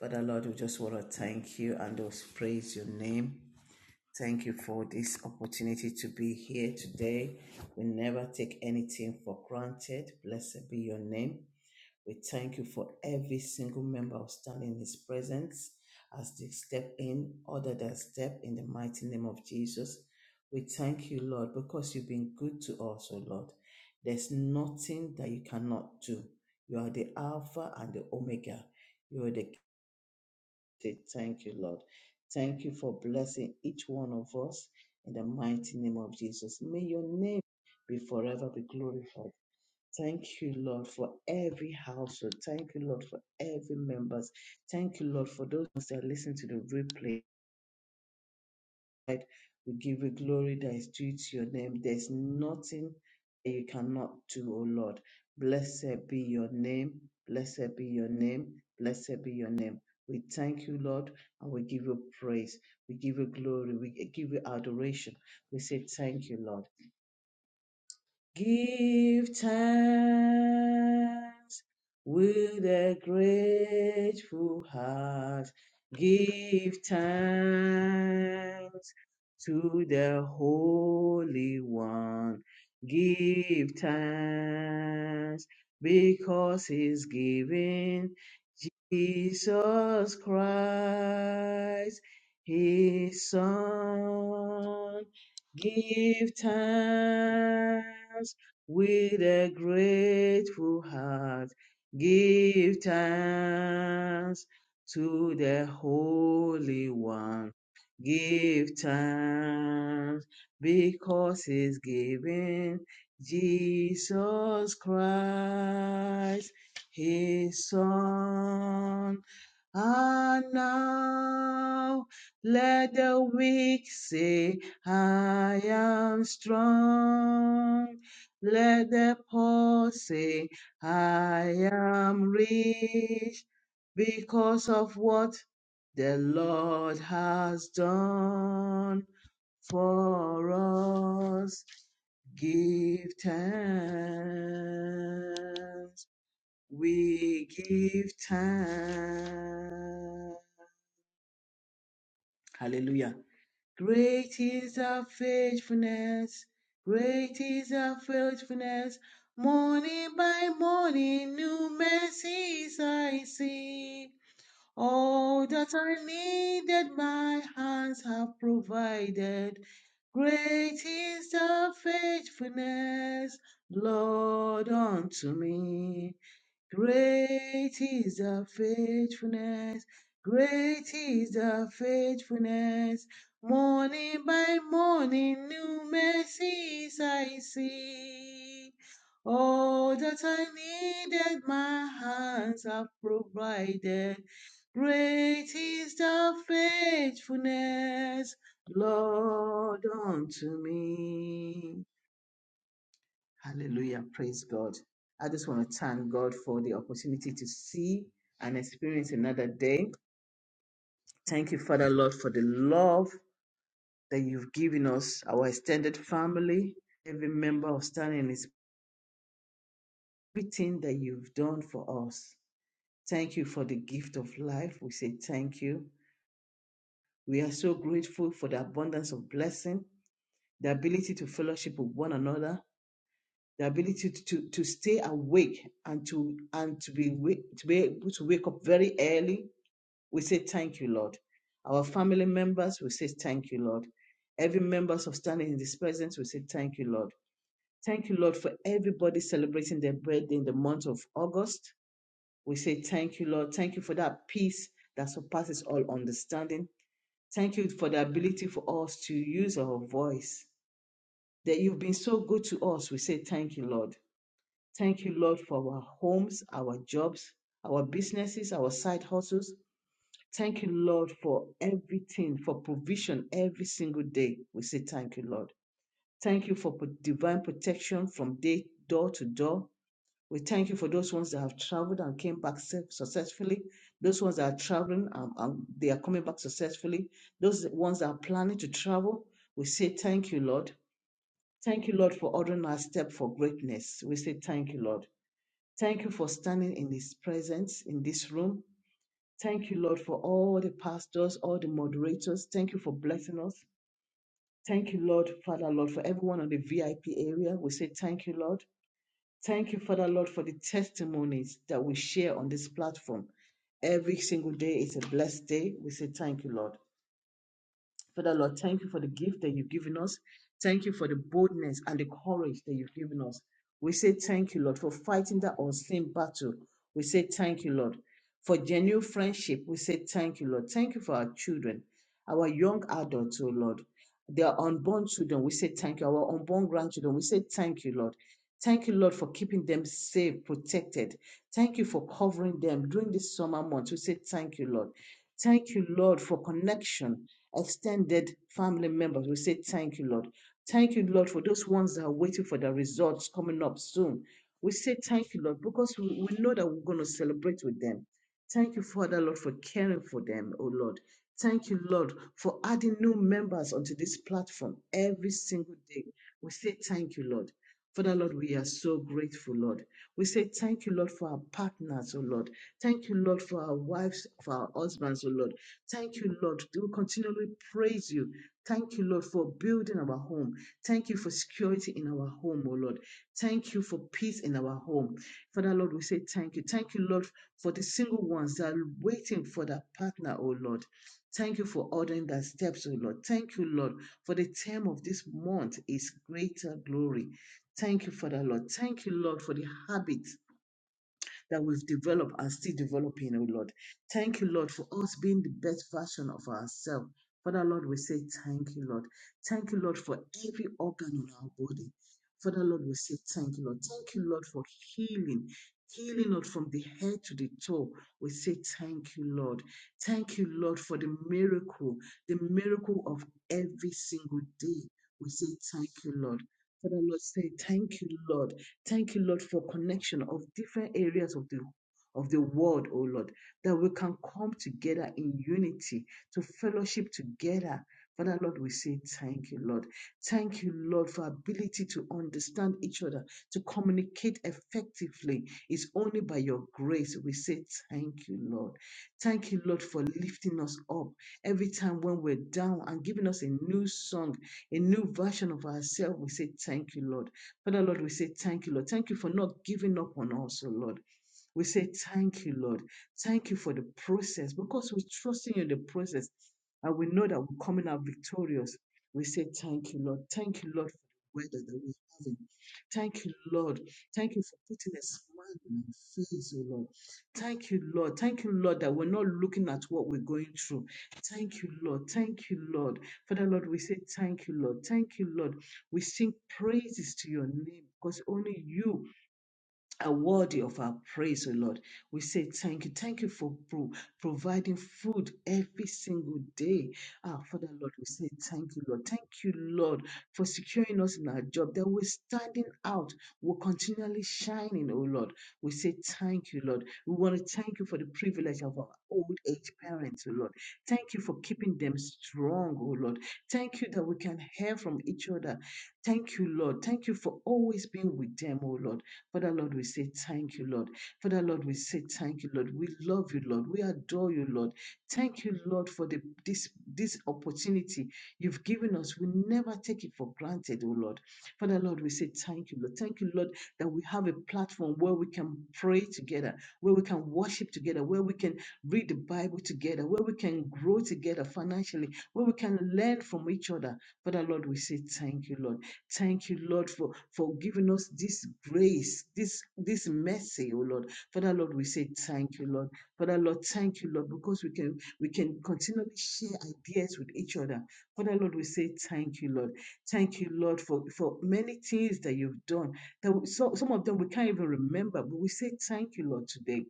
Father Lord, we just want to thank you and just praise your name. Thank you for this opportunity to be here today. We never take anything for granted. Blessed be your name. We thank you for every single member of standing in his presence as they step in, order their step in the mighty name of Jesus. We thank you, Lord, because you've been good to us, O Lord. There's nothing that you cannot do. You are the Alpha and the Omega. You are the say thank you, Lord. Thank you for blessing each one of us in the mighty name of Jesus. May your name be forever be glorified. Thank you, Lord, for every household. Thank you, Lord, for every members. Thank you, Lord, for those that listen to the replay glorified. We give you glory that is due to your name. There's nothing that you cannot do, O Lord. Blessed be your name. Blessed be your name. Blessed be your name. We thank you, Lord, and we give you praise. We give you glory. We give you adoration. We say, Thank you, Lord. Give thanks with a grateful heart. Give thanks to the Holy One. Give thanks because He's giving Jesus Christ, His Son. Give thanks with a grateful heart. Give thanks to the Holy One. Give thanks because He's given Jesus Christ, His Son. And now let the weak say, I am strong. Let the poor say, I am rich because of what the Lord has done for us. Give thanks. We give thanks. Hallelujah. Great is our faithfulness. Great is our faithfulness. Morning by morning, new mercies I see. All that I needed, my hands have provided. Great is thy faithfulness, Lord, unto me. Great is the faithfulness. Great is the faithfulness. Morning by morning, new mercies I see. All that I needed, my hands have provided. Great is the faithfulness, Lord, unto me. Hallelujah. Praise God. I just want to thank God for the opportunity to see and experience another day. Thank you, Father Lord, for the love that you've given us, our extended family, every member of standing is everything that you've done for us. Thank you for the gift of life. We say thank you. We are so grateful for the abundance of blessing, the ability to fellowship with one another, the ability to, to, to stay awake and to and to be wa- to be able to wake up very early. We say thank you, Lord. Our family members, we say thank you, Lord. Every members of standing in this presence, we say thank you, Lord. Thank you, Lord, for everybody celebrating their birthday in the month of August. We say thank you, Lord. Thank you for that peace that surpasses all understanding. Thank you for the ability for us to use our voice. That you've been so good to us. We say thank you, Lord. Thank you, Lord, for our homes, our jobs, our businesses, our side hustles. Thank you, Lord, for everything, for provision every single day. We say thank you, Lord. Thank you for pro- divine protection from day door to door. We thank you for those ones that have traveled and came back safe- successfully. Those ones that are traveling and, and they are coming back successfully. Those ones that are planning to travel, we say thank you, Lord. Thank you, Lord, for ordering our step for greatness. We say thank you, Lord. Thank you for standing in His presence in this room. Thank you, Lord, for all the pastors, all the moderators. Thank you for blessing us. Thank you, Lord, Father, Lord, for everyone on the VIP area. We say thank you, Lord. Thank you, Father, Lord, for the testimonies that we share on this platform. Every single day is a blessed day. We say thank you, Lord. Father Lord, thank you for the gift that you've given us. Thank you for the boldness and the courage that you've given us. We say thank you, Lord, for fighting that unseen battle. We say thank you, Lord, for genuine friendship. We say thank you, Lord. Thank you for our children, our young adults, oh Lord. Their unborn children, we say thank you. Our unborn grandchildren, we say thank you, Lord. Thank you, Lord, for keeping them safe, protected. Thank you for covering them during this summer month. We say thank you, Lord. Thank you, Lord, for connection extended family members we say, Thank you, Lord. Thank you, Lord, for those ones that are waiting for the results coming up soon. We say, Thank you, Lord, because we, we know that we're going to celebrate with them. Thank you, Father, Lord, for caring for them, oh Lord. Thank you, Lord, for adding new members onto this platform every single day. We say, Thank you, Lord. Father, Lord, we are so grateful, Lord. We say thank you, Lord, for our partners, oh Lord. Thank you, Lord, for our wives, for our husbands, oh Lord. Thank you, Lord. We will continually praise you. Thank you, Lord, for building our home. Thank you for security in our home, oh Lord. Thank you for peace in our home. Father, Lord, we say thank you. Thank you, Lord, for the single ones that are waiting for that partner, oh Lord. Thank you for ordering their steps, oh Lord. Thank you, Lord, for the term of this month is greater glory. Thank you, Father, Lord. Thank you, Lord, for the habit that we've developed and still developing, oh Lord. Thank you, Lord, for us being the best version of ourselves. Father, Lord, we say thank you, Lord. Thank you, Lord, for every organ in our body. Father, Lord, we say thank you, Lord. Thank you, Lord, for healing. Healing, Lord, from the head to the toe. We say thank you, Lord. Thank you, Lord, for the miracle, the miracle of every single day. We say thank you, Lord. Father, Lord, say thank you, Lord. Thank you, Lord, for connection of different areas of the of the world, oh Lord, that we can come together in unity to fellowship together. Father Lord, we say thank you, Lord. Thank you, Lord, for ability to understand each other, to communicate effectively. It's only by your grace we say thank you, Lord. Thank you, Lord, for lifting us up every time when we're down and giving us a new song, a new version of ourselves. We say thank you, Lord. Father, Lord, we say thank you, Lord. Thank you for not giving up on us, oh Lord. We say thank you, Lord. Thank you for the process because we trust in you in the process and we know that we're coming out victorious. We say thank you, Lord. Thank you, Lord, for the weather that we're having. Thank you, Lord. Thank you for putting a smile on our face, oh Lord. Thank you, Lord. Thank you, Lord, that we're not looking at what we're going through. Thank you, Lord. Thank you, Lord. Father, Lord, we say thank you, Lord. Thank you, Lord. We sing praises to your name because only you are worthy of our praise, O Lord. We say thank you. Thank you for pro- providing food every single day. Ah, Father, Lord, we say thank you, Lord. Thank you, Lord, for securing us in our job that we're standing out. We're continually shining, O Lord. We say thank you, Lord. We want to thank you for the privilege of our old age parents, O Lord. Thank you for keeping them strong, O Lord. Thank you that we can hear from each other. Thank you, Lord. Thank you for always being with them, O Lord. Father Lord, we say thank you, Lord. Father Lord, we say thank you, Lord. We love you, Lord. We adore you, Lord. Thank you, Lord, for the this this opportunity you've given us. We never take it for granted, oh Lord. Father Lord, we say thank you, Lord. Thank you, Lord, that we have a platform where we can pray together, where we can worship together, where we can read the Bible together, where we can grow together financially, where we can learn from each other. Father Lord, we say thank you, Lord. Thank you, Lord, for, for giving us this grace, this, this mercy, oh Lord. Father, Lord, we say thank you, Lord. Father, Lord, thank you, Lord, because we can we can continually share ideas with each other. Father, Lord, we say thank you, Lord. Thank you, Lord, for, for many things that you've done. That we, so, some of them we can't even remember, but we say thank you, Lord, today.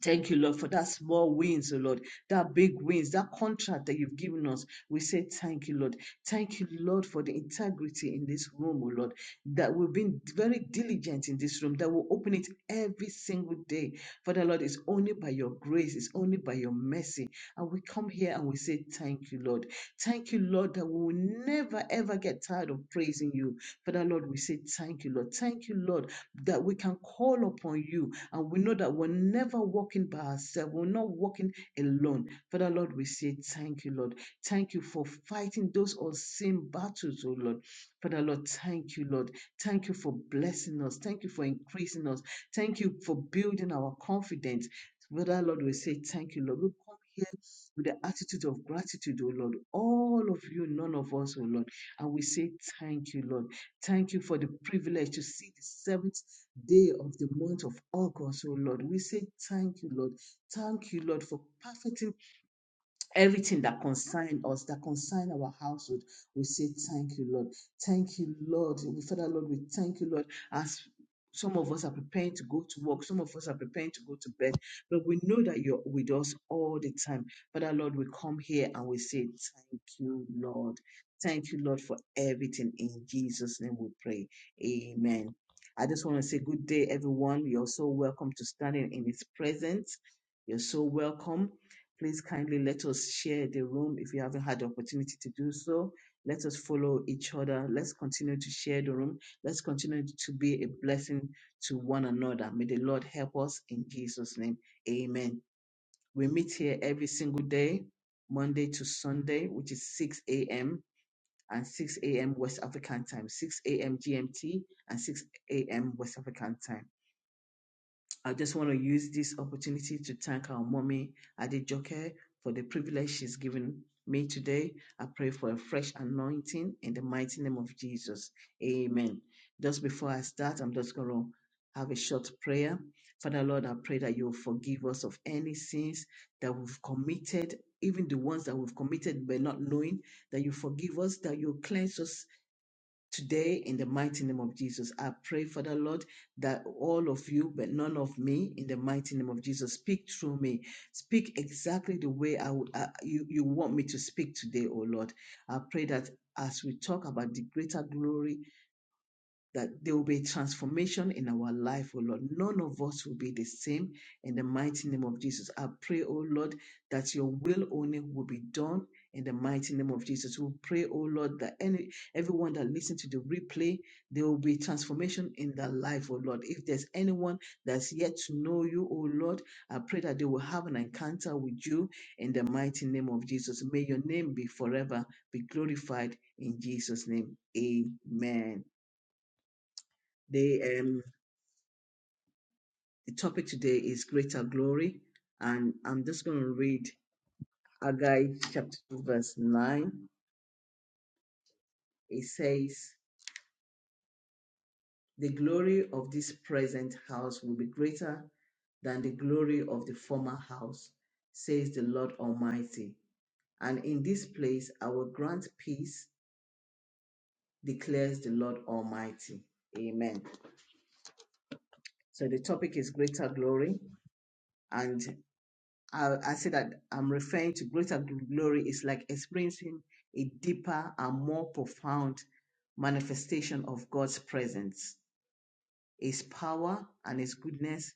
Thank you, Lord, for that small wins, oh Lord, that big wins, that contract that you've given us. We say thank you, Lord. Thank you, Lord, for the integrity in this room, oh Lord, that we've been very diligent in this room, that we'll open it every single day. Father, Lord, it's only by your grace, it's only by your mercy. And we come here and we say thank you, Lord. Thank you, Lord, that we will never, ever get tired of praising you. Father, Lord, we say thank you, Lord. Thank you, Lord, that we can call upon you and we know that we're never walking by ourselves. We're not walking alone. Father, Lord, we say thank you, Lord. Thank you for fighting those unseen battles, oh Lord. Father, Lord, thank you, Lord. Thank you for blessing us. Thank you for increasing us. Thank you for building our confidence. Father, Lord, we say thank you, Lord. We come here with the attitude of gratitude, O Lord. All of you, none of us, O Lord. And we say thank you, Lord. Thank you for the privilege to see the seventh day of the month of August, oh Lord. We say thank you, Lord. Thank you, Lord, for perfecting everything that concern us, that concern our household, we say thank you, Lord. Thank you, Lord. We Father Lord, we thank you, Lord, as some of us are preparing to go to work, some of us are preparing to go to bed, but we know that you're with us all the time. Father Lord, we come here and we say, Thank you, Lord. Thank you, Lord, for everything. In Jesus' name we pray. Amen. I just want to say good day, everyone. You're so welcome to standing in His presence. You're so welcome. Please kindly let us share the room if you haven't had the opportunity to do so. Let us follow each other. Let's continue to share the room. Let's continue to be a blessing to one another. May the Lord help us in Jesus' name. Amen. We meet here every single day, Monday to Sunday, which is 6 a.m. and 6 a.m. West African time, 6 a.m. GMT and 6 a.m. West African time. I just want to use this opportunity to thank our mommy, Adejoke, for the privilege she's given me today. I pray for a fresh anointing in the mighty name of Jesus. Amen. Just before I start, I'm just going to have a short prayer. Father Lord, I pray that you will forgive us of any sins that we've committed, even the ones that we've committed by not knowing, that you forgive us, that you cleanse us Today, in the mighty name of Jesus, I pray, Father Lord, that all of you, but none of me, in the mighty name of Jesus, speak through me. Speak exactly the way I would, I- you, you want me to speak today, oh Lord. I pray that as we talk about the greater glory that there will be transformation in our life, O Lord. None of us will be the same in the mighty name of Jesus. I pray, O Lord, that your will only will be done in the mighty name of Jesus. We pray, O Lord, that any everyone that listens to the replay, there will be transformation in their life, O Lord. If there's anyone that's yet to know you, O Lord, I pray that they will have an encounter with you in the mighty name of Jesus. May your name be forever be glorified in Jesus' name. Amen. The um the topic today is greater glory, and I'm just going to read Haggai chapter two verse nine. It says, "The glory of this present house will be greater than the glory of the former house, says the Lord Almighty. And in this place I will grant peace, declares the Lord Almighty." Amen. So the topic is greater glory, and. I, I say that I'm referring to greater gl- glory is like experiencing a deeper and more profound manifestation of God's presence. His power and His goodness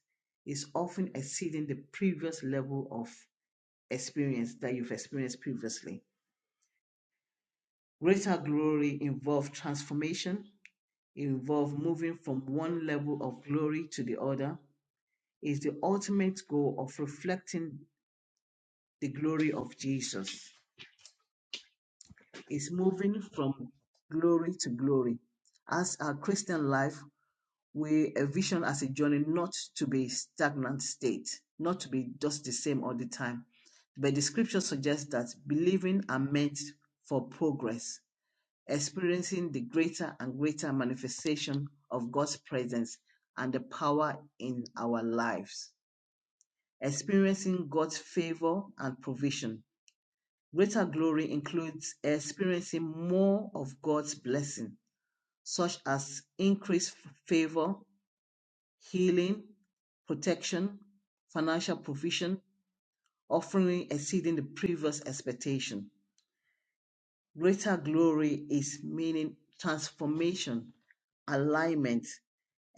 is often exceeding the previous level of experience that you've experienced previously. Greater glory involves transformation, it involves moving from one level of glory to the other, is the ultimate goal of reflecting the glory of Jesus. is moving from glory to glory. As our Christian life, we envision as a journey not to be stagnant state, not to be just the same all the time. But the scripture suggests that believing are meant for progress, experiencing the greater and greater manifestation of God's presence and the power in our lives, experiencing God's favor and provision Greater glory includes experiencing more of God's blessing, such as increased favor, healing, protection, financial provision, offering exceeding the previous expectation. Greater glory is meaning transformation, alignment,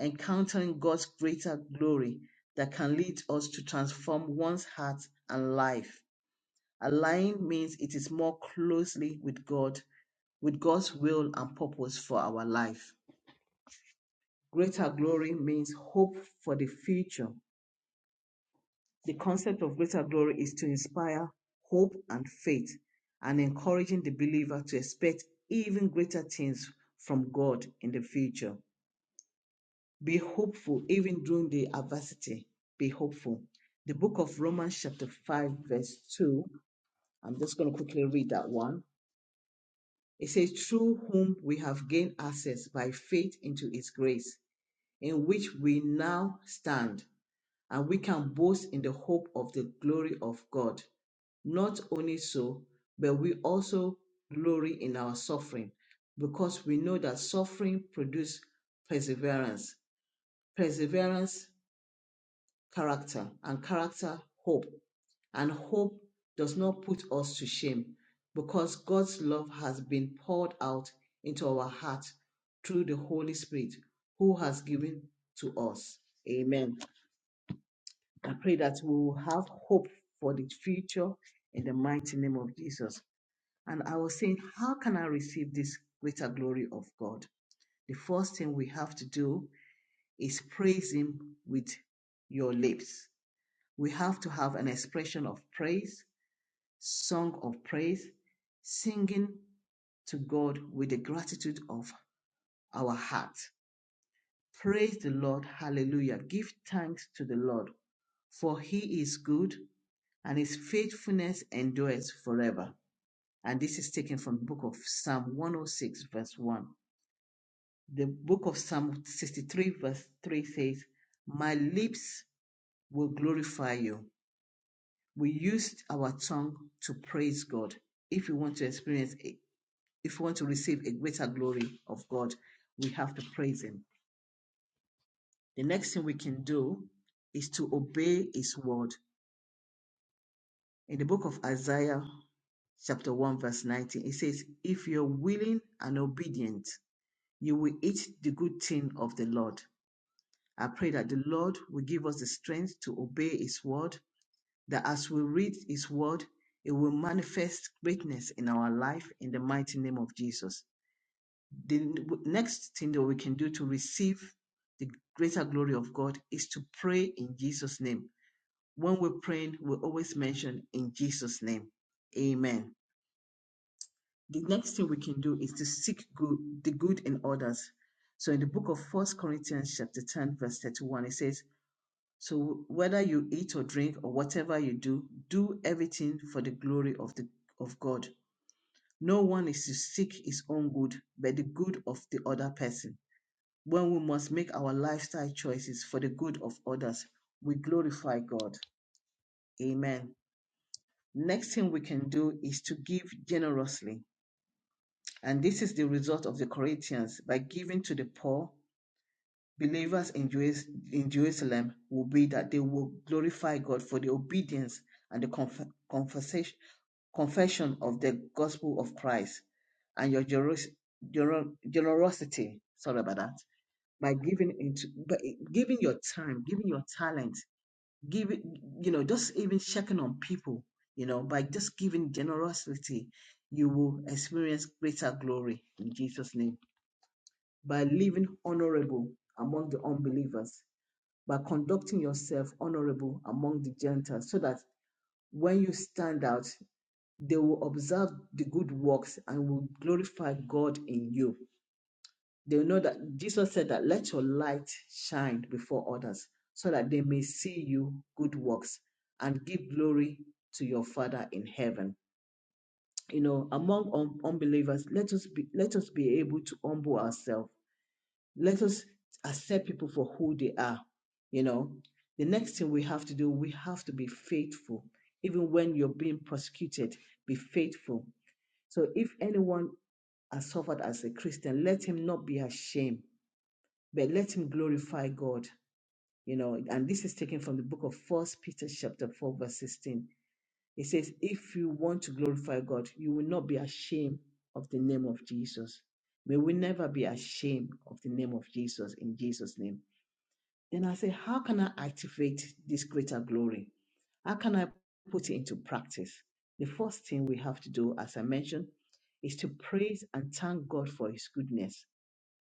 encountering God's greater glory that can lead us to transform one's heart and life. Align means it is more closely with God with God's will and purpose for our life. Greater glory means hope for the future. The concept of greater glory is to inspire hope and faith and encouraging the believer to expect even greater things from God in the future. Be hopeful even during the adversity. Be hopeful. The book of Romans, chapter 5, verse 2. I'm just going to quickly read that one. It says, Through whom we have gained access by faith into his grace in which we now stand, and we can boast in the hope of the glory of God. Not only so, but we also glory in our suffering, because we know that suffering produces perseverance. Perseverance character and character hope and hope does not put us to shame because God's love has been poured out into our heart through the Holy Spirit who has given to us. Amen. I pray that we will have hope for the future in the mighty name of Jesus. And I was saying, how can I receive this greater glory of God? The first thing we have to do is praise Him with your lips we have to have an expression of praise, song of praise, singing to God with the gratitude of our heart. Praise the Lord. Hallelujah. Give thanks to the Lord, for he is good and his faithfulness endures forever. And this is taken from the book of Psalm 106, verse 1. The book of Psalm 63, verse 3 says, My lips will glorify you. we used our tongue to praise God. If we want to experience, a- if we want to receive a greater glory of God, we have to praise Him. The next thing we can do is to obey His word. In the book of Isaiah, chapter 1, verse 19, it says, If you're willing and obedient, you will eat the good thing of the Lord. I pray that the Lord will give us the strength to obey His word that as we read His word, it will manifest greatness in our life in the mighty name of Jesus. The n- w- next thing that we can do to receive the greater glory of God is to pray in Jesus' name. When we're praying, we always mention in Jesus' name. Amen. The next thing we can do is to seek good, the good in others. So in the book of First Corinthians chapter 10, verse 31, it says, so whether you eat or drink or whatever you do, do everything for the glory of the of God. No one is to seek his own good, but the good of the other person. When we must make our lifestyle choices for the good of others, we glorify God. Amen. Next thing we can do is to give generously. And this is the result of the Corinthians by giving to the poor believers in, Jerusalem will be that they will glorify God for the obedience and the conf- confessation, confession of the gospel of Christ and your generosity. Sorry about that. By giving into, by giving your time, giving your talent, giving, you know, just even checking on people, you know, by just giving generosity, you will experience greater glory in Jesus' name. By living honorable among the unbelievers by conducting yourself honorable among the Gentiles, so that when you stand out, they will observe the good works and will glorify God in you. They will know that Jesus said that let your light shine before others, so that they may see you good works and give glory to your Father in heaven. You know, among un- unbelievers, let us be let us be able to humble ourselves let us accept people for who they are. You know, the next thing we have to do, we have to be faithful. Even when you're being persecuted. be faithful. So if anyone has suffered as a Christian, let him not be ashamed, but let him glorify God. You know, and this is taken from the book of First Peter chapter 4, verse 16. It says, If you want to glorify God, you will not be ashamed of the name of Jesus. May we never be ashamed of the name of Jesus in Jesus' name. Then I say, how can I activate this greater glory? How can I put it into practice? The first thing we have to do, as I mentioned, is to praise and thank God for His goodness.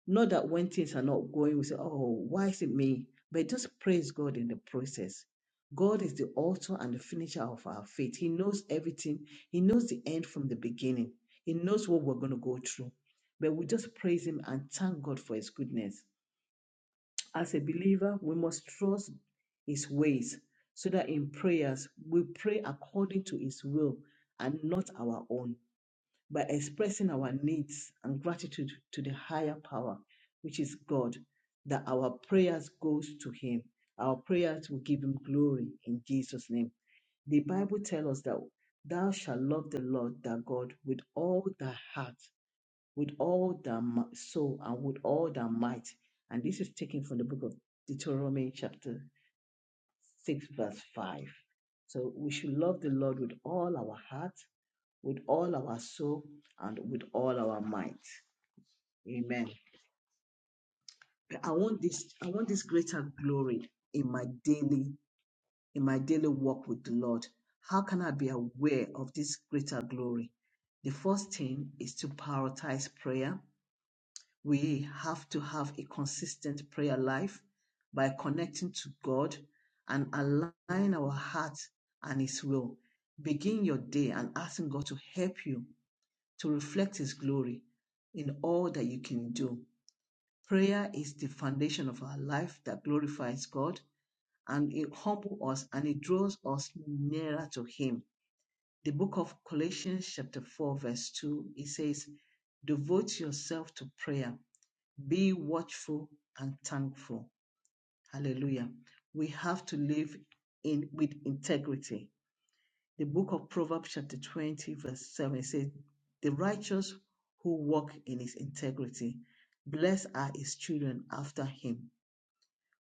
Not that when things are not going, we say, oh, why is it me? But just praise God in the process. God is the author and the finisher of our faith. He knows everything, He knows the end from the beginning, He knows what we're going to go through. But we just praise Him and thank God for His goodness. As a believer, we must trust His ways so that in prayers we pray according to His will and not our own by expressing our needs and gratitude to the higher power, which is God, that our prayers goes to Him. Our prayers will give Him glory in Jesus' name. The Bible tells us that thou shalt love the Lord thy God with all thy heart with all their mi- soul and with all their might. And this is taken from the book of Deuteronomy, chapter 6, verse 5. So we should love the Lord with all our heart, with all our soul, and with all our might. Amen. I want this, I want this greater glory in my daily, in my daily walk with the Lord. How can I be aware of this greater glory? The first thing is to prioritize prayer we have to have a consistent prayer life by connecting to God and align our heart and His will. Begin your day and asking God to help you to reflect His glory in all that you can do. Prayer is the foundation of our life that glorifies God and it humbles us and it draws us nearer to Him the book of Colossians, chapter 4, verse 2, it says, Devote yourself to prayer, be watchful and thankful. Hallelujah. We have to live in with integrity. The book of Proverbs, chapter 20, verse 7 says, The righteous who walk in his integrity, blessed are his children after him.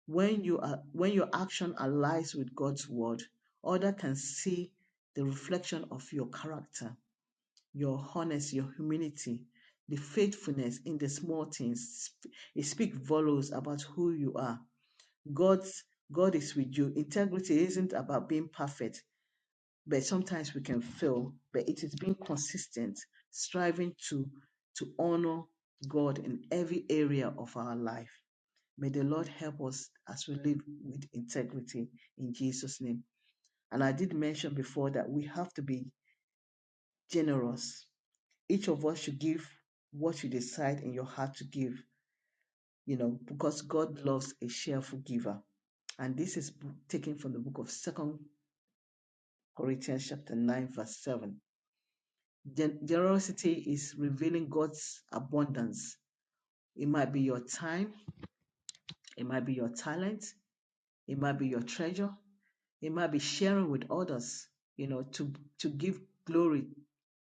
When you are when your action aligns with God's word, others can see the reflection of your character your honesty, your humility, the faithfulness in the small things. It speaks volumes about who you are. God's God is with you. Integrity isn't about being perfect, but sometimes we can fail. But it is being consistent, striving to to honor God in every area of our life. May the Lord help us as we live with integrity in Jesus' name. And I did mention before that we have to be generous each of us should give what you decide in your heart to give, you know, because God loves a cheerful giver. And this is taken from the book of Second Corinthians chapter 9, verse 7. Gen- generosity is revealing God's abundance. It might be your time, it might be your talent, it might be your treasure, it might be sharing with others, you know, to, to give glory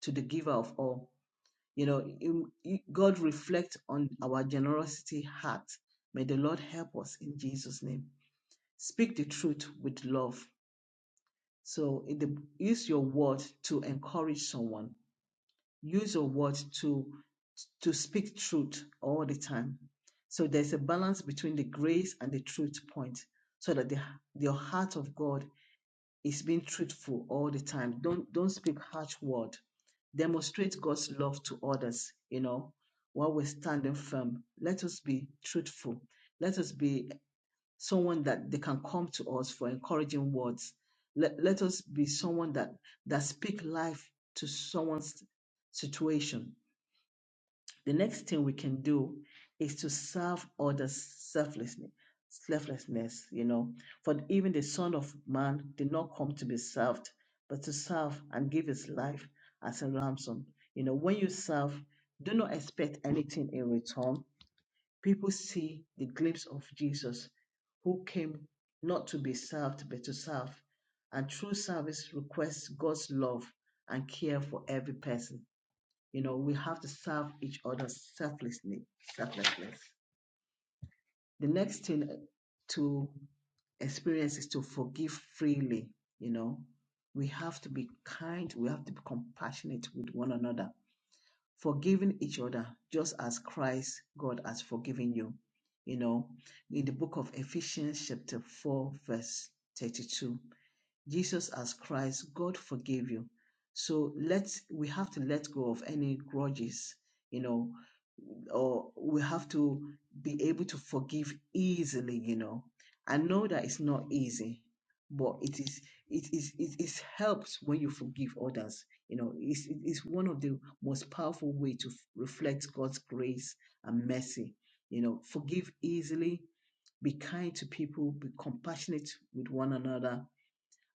to the giver of all. You know, you- you- God reflect on our generosity heart. May the Lord help us in Jesus' name. Speak the truth with love. So in the, use your word to encourage someone. Use your word to to speak truth all the time. So there's a balance between the grace and the truth point, so that the the heart of God is being truthful all the time. Don't don't speak harsh word. Demonstrate God's love to others. You know, while we're standing firm, let us be truthful. Let us be someone that they can come to us for encouraging words. Let, let us be someone that that speak life to someone's situation. The next thing we can do is to serve others selflessly. Selflessness, you know, for even the Son of Man did not come to be served, but to serve and give his life as a ransom. You know, when you serve, do not expect anything in return. People see the glimpse of Jesus who came not to be served, but to serve. And true service requests God's love and care for every person you know, we have to serve each other selflessly, selflessly. The next thing to experience is to forgive freely. You know, we have to be kind, we have to be compassionate with one another, forgiving each other, just as Christ God has forgiven you. You know, in the book of Ephesians, chapter 4, verse 32, Jesus as Christ, God forgave you. So let's we have to let go of any grudges, you know, or we have to be able to forgive easily, you know. I know that it's not easy, but it is it is it is helps when you forgive others. You know, it's it is one of the most powerful way to f- reflect God's grace and mercy. You know, forgive easily, be kind to people, be compassionate with one another,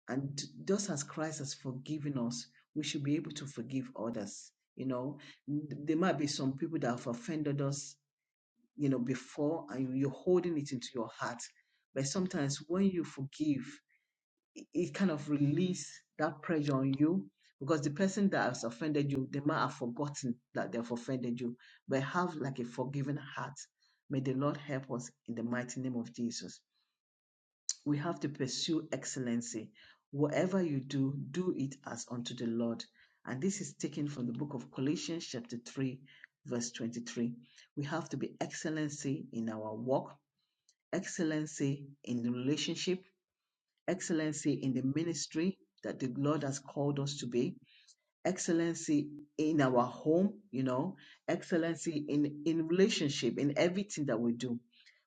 and just as Christ has forgiven us, we should be able to forgive others. You know, there might be some people that have offended us, you know, before, and you're holding it into your heart. But sometimes when you forgive, it, it kind of release that pressure on you because the person that has offended you, they might have forgotten that they've offended you, but have like a forgiving heart. May the Lord help us in the mighty name of Jesus. We have to pursue excellency. Whatever you do, do it as unto the Lord. And this is taken from the book of Colossians, chapter 3, verse 23. We have to be excellency in our work, excellency in the relationship, excellency in the ministry that the Lord has called us to be, excellency in our home, you know, excellency in, in relationship, in everything that we do.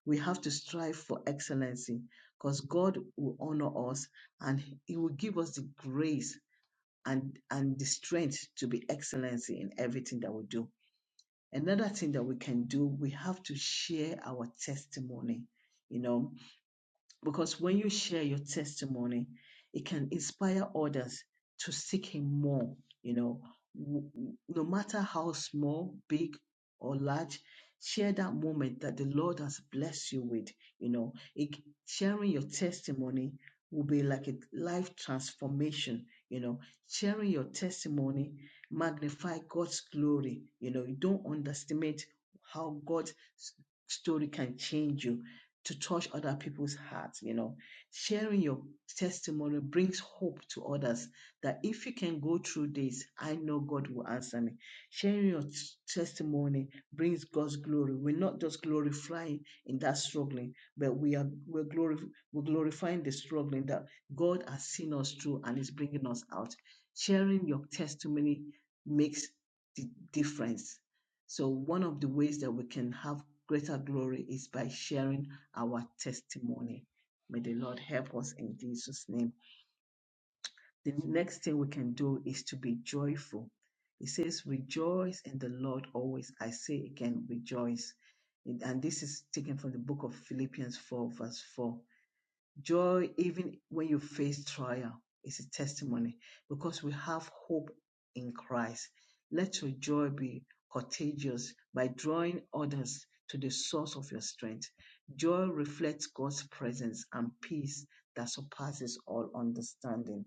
We have to strive for excellency because God will honor us and He will give us the grace and, and the strength to be excellency in everything that we do. Another thing that we can do, we have to share our testimony, you know because when you share your testimony it can inspire others to seek him more you know W- w- no matter how small big or large share that moment that the lord has blessed you with you know it, sharing your testimony will be like a life transformation you know sharing your testimony magnify god's glory you know you don't underestimate how god's s- story can change you to touch other people's hearts. You know, sharing your testimony brings hope to others that if you can go through this, I know God will answer me. Sharing your t- testimony brings God's glory. We're not just glorifying in that struggling, but we are we're, glorif- we're glorifying the struggling that God has seen us through and is bringing us out. Sharing your testimony makes the difference. So one of the ways that we can have greater glory is by sharing our testimony. May the Lord help us in Jesus' name. The next thing we can do is to be joyful. He says, Rejoice in the Lord always. I say again, rejoice. And and this is taken from the book of Philippians 4, verse 4. Joy, even when you face trial, is a testimony because we have hope in Christ. Let your joy be contagious by drawing others to the source of your strength. Joy reflects God's presence and peace that surpasses all understanding.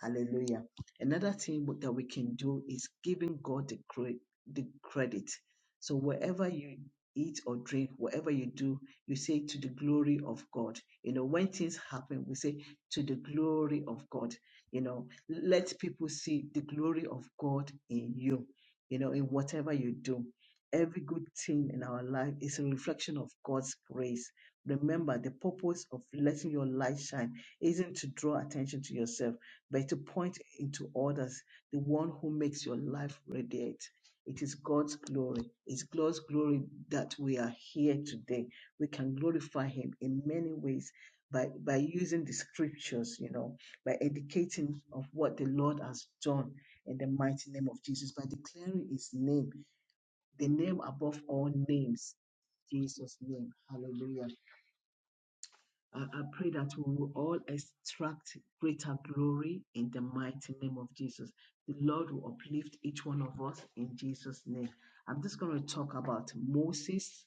Hallelujah. Another thing w- that we can do is giving God the, cre- the credit. So wherever you eat or drink, whatever you do, you say to the glory of God. You know, when things happen, we say to the glory of God. You know, let people see the glory of God in you, you know, in whatever you do. Every good thing in our life is a reflection of God's grace. Remember, the purpose of letting your light shine isn't to draw attention to yourself but to point into others the one who makes your life radiate. It is God's glory. It's God's glory that we are here today. We can glorify Him in many ways by, by using the scriptures, you know, by educating of what the Lord has done in the mighty name of Jesus, by declaring His name, the name above all names, Jesus' name. Hallelujah. I, I pray that we will all extract greater glory in the mighty name of Jesus. The Lord will uplift each one of us in Jesus' name. I'm just going to talk about Moses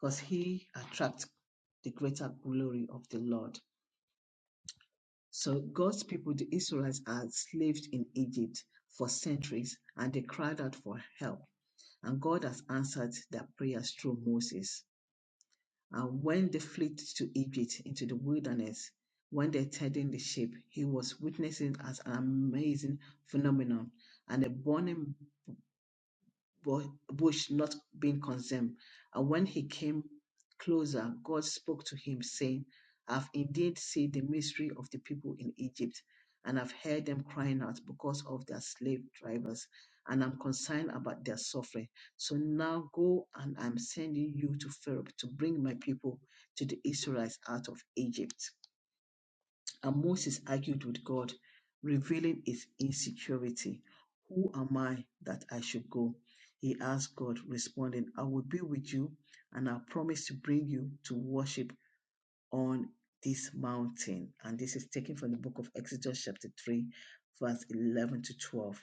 because he attracts the greater glory of the Lord. So God's people, the Israelites, are enslaved in Egypt for centuries and they cried out for help. And God has answered their prayers through Moses. And when they fled to Egypt into the wilderness, when they tending the sheep, he was witnessing as an amazing phenomenon and a burning bu- bush not being consumed. And when he came closer, God spoke to him, saying, I have indeed seen the misery of the people in Egypt, and i have heard them crying out because of their slave drivers, and I'm concerned about their suffering. So now go, and I'm sending you to Pharaoh to bring my people to the Israelites out of Egypt. And Moses argued with God, revealing his insecurity. Who am I that I should go? He asked God, responding, I will be with you and I promise to bring you to worship on this mountain. And this is taken from the book of Exodus, chapter 3, verse 11 to 12.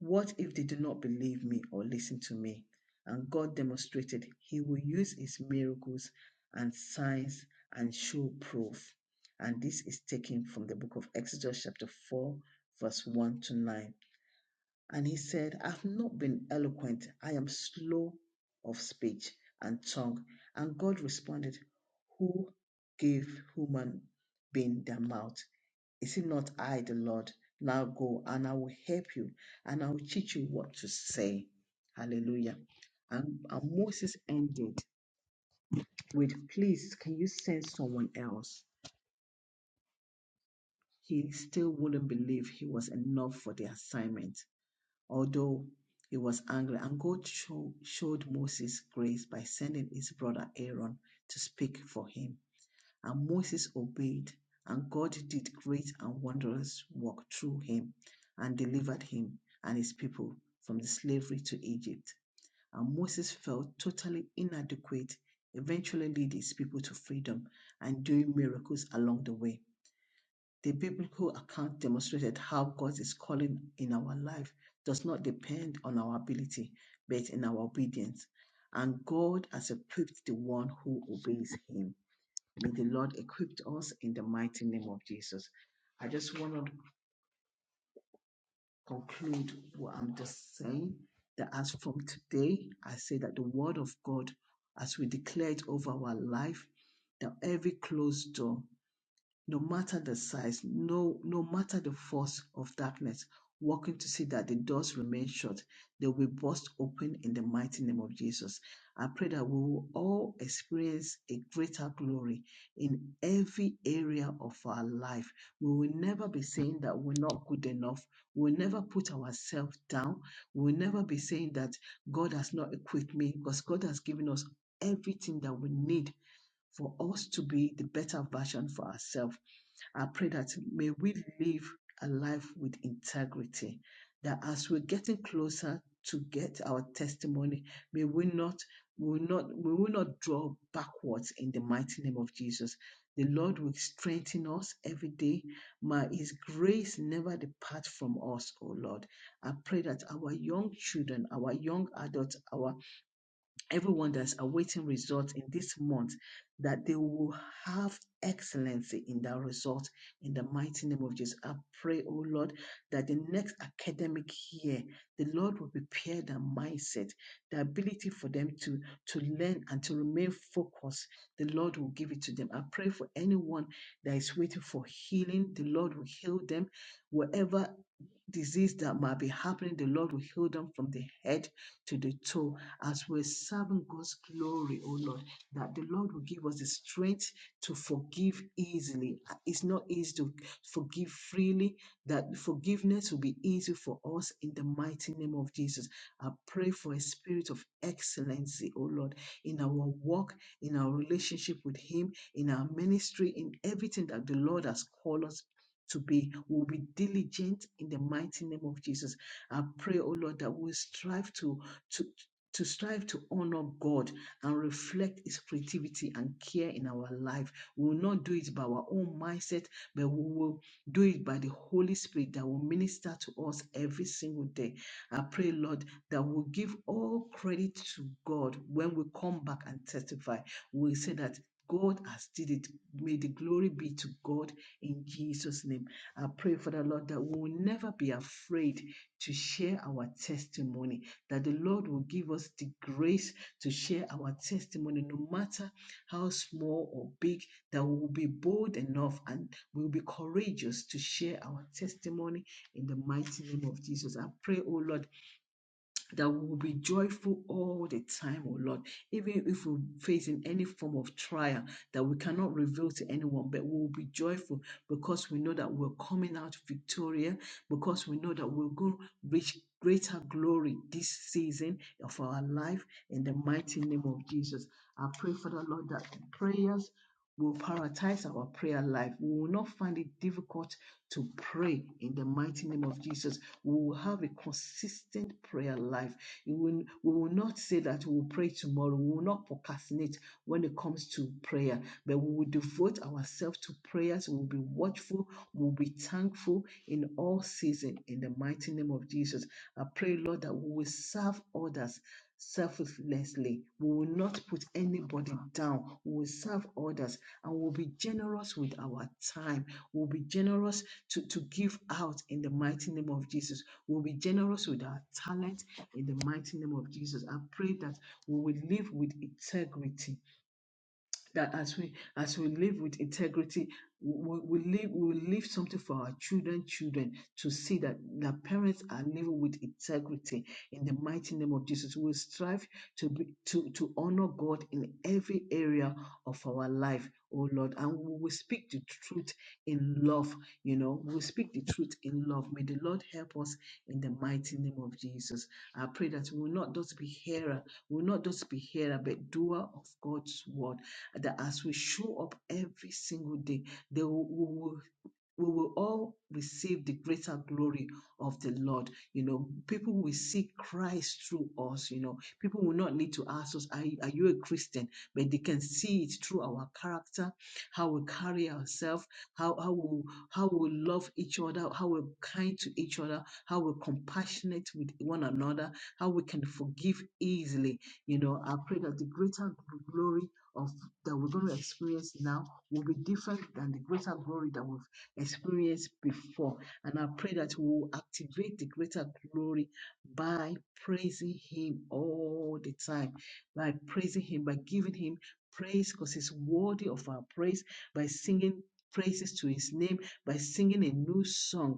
What if they do not believe me or listen to me? And God demonstrated He will use His miracles and signs and show proof. And this is taken from the book of Exodus, chapter 4, verse 1 to 9. And He said, I've not been eloquent, I am slow of speech and tongue. And God responded, Who gave human being their mouth? Is it not I, the Lord? Now go and I will help you and I will teach you what to say. Hallelujah. And, and Moses ended with, Please, can you send someone else? He still wouldn't believe he was enough for the assignment, although he was angry. And God show, showed Moses grace by sending his brother Aaron to speak for him. And Moses obeyed, and God did great and wondrous work through him and delivered him and his people from the slavery to Egypt. And Moses felt totally inadequate, eventually led his people to freedom and doing miracles along the way. The biblical account demonstrated how God's calling in our life does not depend on our ability, but in our obedience. And God has equipped the one who obeys him. May the Lord equip us in the mighty name of Jesus. I just want to conclude what I'm just saying that as from today, I say that the word of God, as we declare it over our life, that every closed door no matter the size, no, no matter the force of darkness, working to see that the doors remain shut, they will burst open in the mighty name of Jesus. I pray that we will all experience a greater glory in every area of our life. We will never be saying that we're not good enough. We'll never put ourselves down. We'll never be saying that God has not equipped me because God has given us everything that we need for us to be the better version for ourselves. I pray that may we live a life with integrity, that as we're getting closer to get our testimony, may we not we will not we will not draw backwards in the mighty name of Jesus. The Lord will strengthen us every day. May His grace never depart from us, O Lord. I pray that our young children, our young adults, our everyone that's awaiting results in this month that they will have excellency in that result in the mighty name of Jesus. I pray, oh Lord, that the next academic year, the Lord will prepare their mindset, the ability for them to, to learn and to remain focused. The Lord will give it to them. I pray for anyone that is waiting for healing, the Lord will heal them wherever disease that might be happening, the Lord will heal them from the head to the toe as we're serving God's glory, oh Lord, that the Lord will give us the strength to forgive easily. Uh, It's not easy to forgive freely, that forgiveness will be easy for us in the mighty name of Jesus. I pray for a spirit of excellency, oh Lord, in our walk, in our relationship with Him, in our ministry, in everything that the Lord has called us to be. We'll be diligent in the mighty name of Jesus. I pray, oh Lord, that we strive to to to strive to honor God and reflect His creativity and care in our life. We will not do it by our own mindset, but we will do it by the Holy Spirit that will minister to us every single day. I pray, Lord, that we'll give all credit to God when we come back and testify. We'll say that God has did it. May the glory be to God in Jesus' name. I pray for the Lord that we will never be afraid to share our testimony, that the Lord will give us the grace to share our testimony, no matter how small or big, that we will be bold enough and we will be courageous to share our testimony in the mighty name of Jesus. I pray, oh Lord that we will be joyful all the time, oh Lord, even if we're facing any form of trial that we cannot reveal to anyone, but we will be joyful because we know that we're coming out victorious, because we know that we're going to reach greater glory this season of our life in the mighty name of Jesus. I pray, Father Lord, that the prayers will prioritize our prayer life. We will not find it difficult to pray in the mighty name of Jesus. We will have a consistent prayer life. You will, we will not say that we will pray tomorrow. We will not procrastinate when it comes to prayer, but we will devote ourselves to prayers. We will be watchful. We will be thankful in all season in the mighty name of Jesus. I pray, Lord, that we will serve others selflessly. We will not put anybody down. We will serve others and we'll be generous with our time. We'll be generous to, to give out in the mighty name of Jesus. We'll be generous with our talent in the mighty name of Jesus. I pray that we will live with integrity that as we as we live with integrity we, we live we will leave something for our children children to see that the parents are living with integrity in the mighty name of jesus we will strive to be to to honor god in every area of our life oh lord and we will speak the truth in love you know we will speak the truth in love may the lord help us in the mighty name of jesus i pray that we will not just be hearer we will not just be hearer but doer of god's word that as we show up every single day, they will, we will we will all receive the greater glory of the Lord. You know, people will see Christ through us. You know, people will not need to ask us, Are, are you a Christian? But they can see it through our character, how we carry ourselves, how, how, we, how we love each other, how we're kind to each other, how we're compassionate with one another, how we can forgive easily. You know, I pray that the greater glory of that we're going to experience now will be different than the greater glory that we've experienced before. And I pray that we will activate the greater glory by praising Him all the time, by praising Him, by giving Him praise because He's worthy of our praise, by singing praises to His name, by singing a new song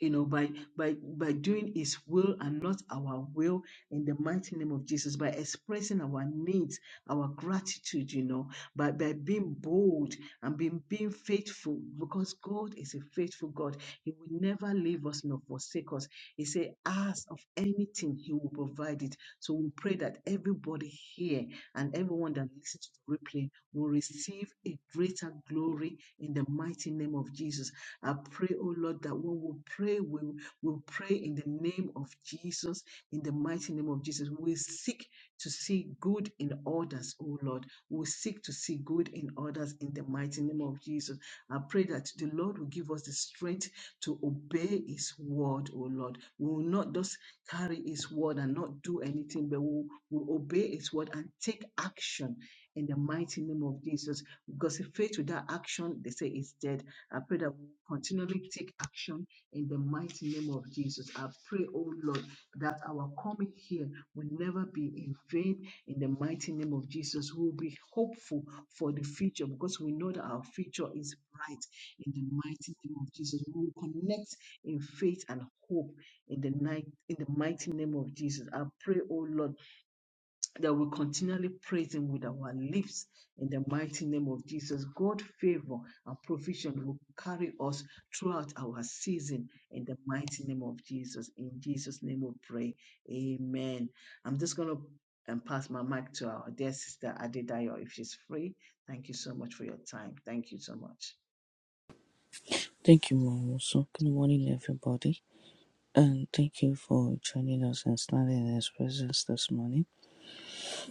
you know, by by by doing His will and not our will, in the mighty name of Jesus, by expressing our needs, our gratitude, you know, by by being bold and being being faithful, because God is a faithful God. He will never leave us nor forsake us. He said, "Ask of anything, He will provide it." So we pray that everybody here and everyone that listens to the replay will receive a greater glory in the mighty name of Jesus. I pray, oh Lord, that when we pray, we will pray in the name of Jesus, in the mighty name of Jesus. We seek to see good in others, oh Lord. We seek to see good in others in the mighty name of Jesus. I pray that the Lord will give us the strength to obey His word, oh Lord. We will not just carry His word and not do anything, but we will will obey His word and take action in the mighty name of Jesus. Because if faith without action, they say, is dead. I pray that we will continually take action in the mighty name of Jesus. I pray, oh Lord, that our coming here will never be in vain in the mighty name of Jesus. We will be hopeful for the future because we know that our future is bright in the mighty name of Jesus. We will connect in faith and hope in the night in the mighty name of Jesus. I pray, oh Lord that we continually praise Him with our lips in the mighty name of Jesus. God favor and provision will carry us throughout our season in the mighty name of Jesus. In Jesus' name we pray. Amen. I'm just going to um, pass my mic to our dear sister Adedayo if she's free. Thank you so much for your time. Thank you so much. Thank you, Mom. So, good morning, everybody. And thank you for joining us and standing in His presence this morning.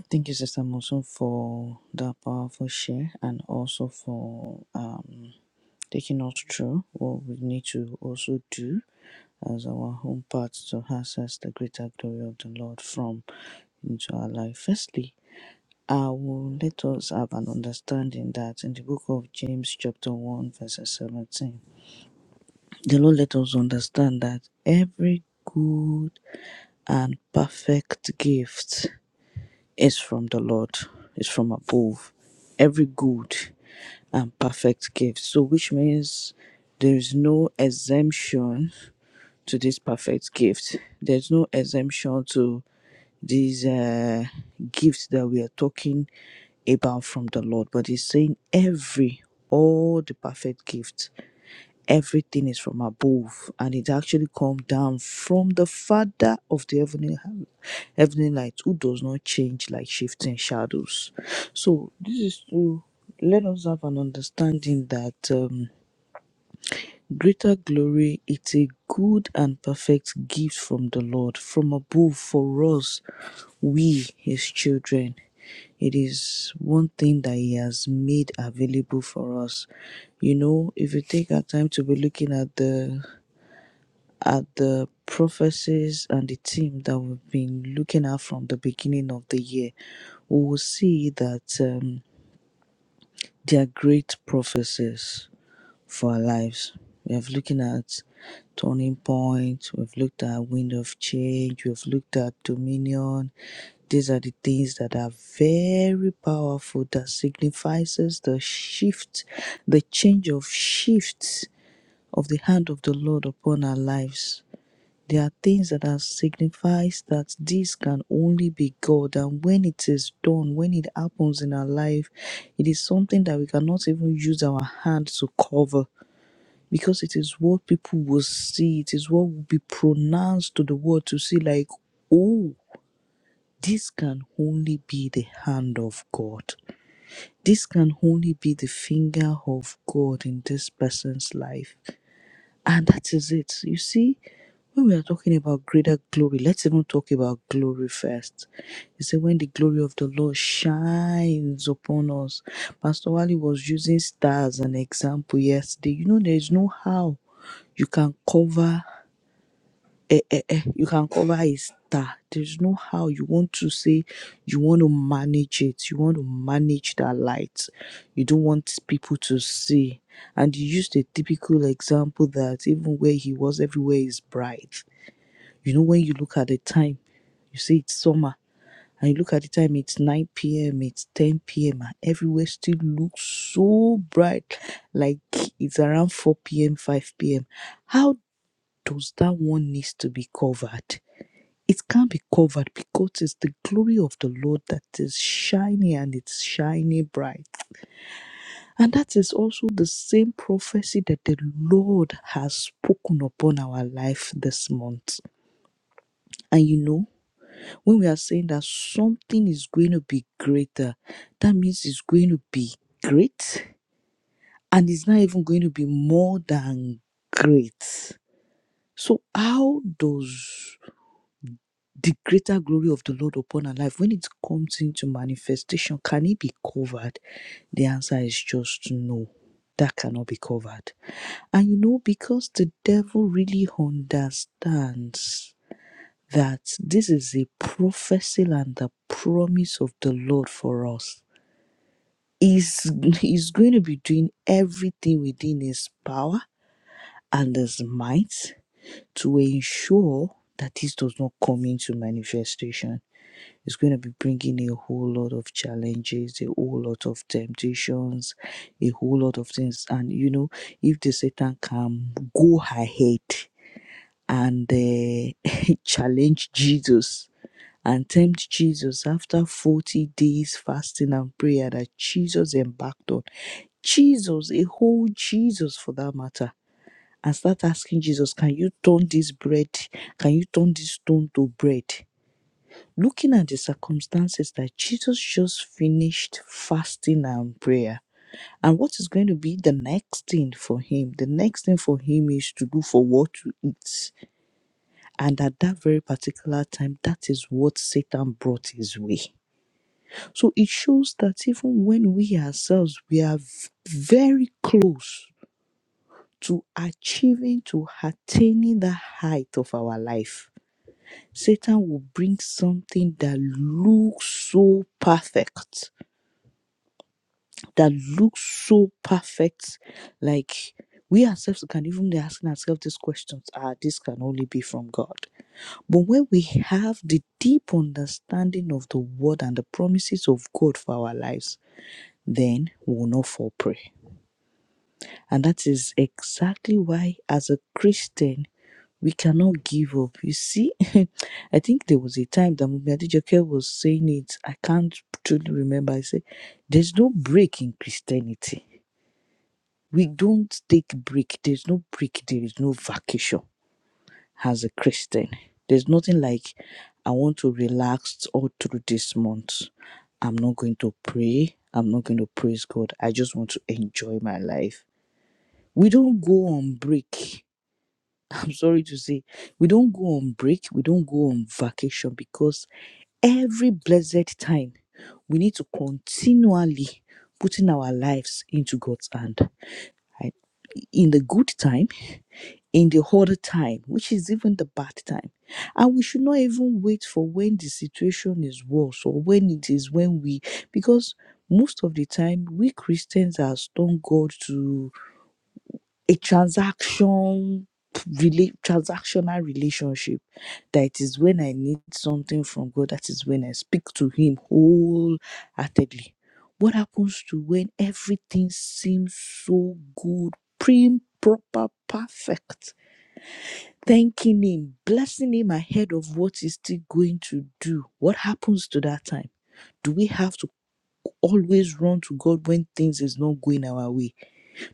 Thank you, Sister Monson, for that powerful share and also for um, taking us through what we need to also do as our home part to access the greater glory of the Lord from into our life. Firstly, I will let us have an understanding that in the book of James, chapter 1, verse 17. The Lord let us understand that every good and perfect gift is from the Lord, is from above. Every good and perfect gift. So, which means there is no exemption to this perfect gift. There's no exemption to these uh, gifts that we are talking about from the Lord, but He's saying every, all the perfect gifts everything is from above and it actually comes down from the father of the heavenly heavenly light who does not change like shifting shadows so this is to let us have an understanding that um, Greater glory it's a good and perfect gift from the Lord, from above for us, we, His children. It is one thing that He has made available for us. You know, if you take our time to be looking at the at the prophecies and the theme that we've been looking at from the beginning of the year, we will see that um, they are great prophecies for our lives. We have looking at turning points, we've looked at wind of change, we've looked at dominion. These are the things that are very powerful that signifies the shift, the change of shifts of the hand of the Lord upon our lives. There are things that are signifies that this can only be God, and when it is done, when it happens in our life, it is something that we cannot even use our hand to cover because it is what people will see, it is what will be pronounced to the world to see, like, oh, this can only be the hand of God. This can only be the finger of God in this person's life. And that is it. You see, when we are talking about greater glory, let's even talk about glory first. You see, when the glory of the Lord shines upon us, Pastor Wally was using stars as an example yesterday. You know, there is no how you can cover eh, eh, eh, you can cover a star. There's no how you want to say you want to manage it. You want to manage that light. You don't want people to see. And you used a typical example that even where he was, everywhere is bright. You know, when you look at the time, you see it's summer, and you look at the time, it's 9 p.m., it's 10 p.m., and everywhere still looks so bright, like it's around 4 p.m., 5 p.m. How does that one needs to be covered? It can't be covered because it's the glory of the Lord that is shining and it's shining bright. And that is also the same prophecy that the Lord has spoken upon our life this month. And you know, when we are saying that something is going to be greater, that means it's going to be great and it's not even going to be more than great. So, how does the greater glory of the Lord upon our life, when it comes into manifestation, can it be covered? The answer is just no. That cannot be covered. And you know, because the devil really understands that this is a prophecy and the promise of the Lord for us, he's, he's going to be doing everything within his power and his might to ensure that this does not come into manifestation It's going to be bringing a whole lot of challenges, a whole lot of temptations, a whole lot of things. And you know, if the Satan can go ahead and uh, challenge Jesus and tempt Jesus after 40 days fasting and prayer that Jesus embarked on, Jesus, a whole Jesus for that matter, and start asking Jesus, Can you turn this bread? Can you turn this stone to bread? Looking at the circumstances that Jesus just finished fasting and prayer, and what is going to be the next thing for him? The next thing for him is to look for what to eat. And at that very particular time, that is what Satan brought his way. So it shows that even when we ourselves, we are v- very close to achieving, to attaining the height of our life, Satan will bring something that looks so perfect that looks so perfect. Like we ourselves can even be asking ourselves these questions ah, this can only be from God. But when we have the deep understanding of the word and the promises of God for our lives, then we will not fall prey. And that is exactly why, as a Christian, we cannot give up. You see, I think there was a time that Mumia Adijoke was saying it. I can't truly remember. I say, there's no break in Christianity. We don't take break. There's no break. There is no vacation as a Christian. There's nothing like I want to relax all through this month. I'm not going to pray. I'm not going to praise God. I just want to enjoy my life. We don't go on break. I'm sorry to say, we don't go on break. We don't go on vacation because every blessed time we need to continually putting our lives into God's hand. I- In the good time in the other time, which is even the bad time. And we should not even wait for when the situation is worse or when it is when we, because most of the time, we Christians are stone God to a transaction, rela- transactional relationship. That is when I need something from God, that is when I speak to Him wholeheartedly. What happens to when everything seems so good, prim, proper, perfect? thanking him, blessing him ahead of what he's still going to do. What happens to that time? Do we have to always run to God when things is not going our way?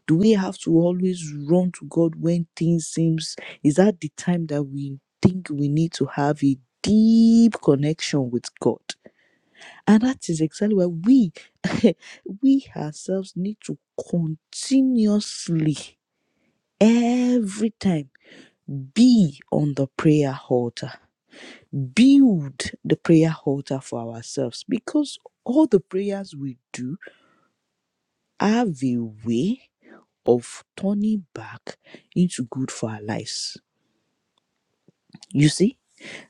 Do we have to always run to God when things seems is that the time that we think we need to have a deep connection with God? And that is exactly why we we ourselves need to continuously every time be on the prayer altar build the prayer altar for ourselves because all the prayers we do have a way of turning back into good for our lives. You see,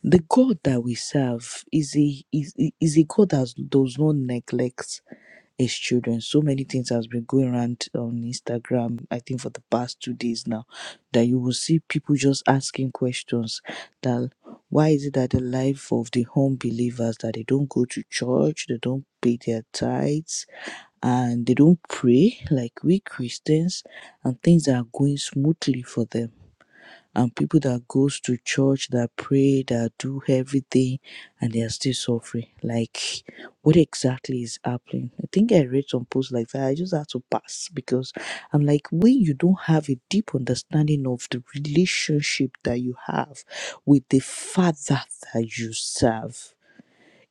the God that we serve is a is, is a God that does not neglect his children. So many things has been going around on Instagram, I think for the past two days now, that you will see people just asking questions that why is it that the life of the home believers that they don't go to church, they don't pay their tithes, and they don't pray like we Christians, and things are going smoothly for them and people that goes to church that pray that do everything and they are still suffering like what exactly is happening i think i read some posts like that i just had to pass because i'm like when you don't have a deep understanding of the relationship that you have with the father that you serve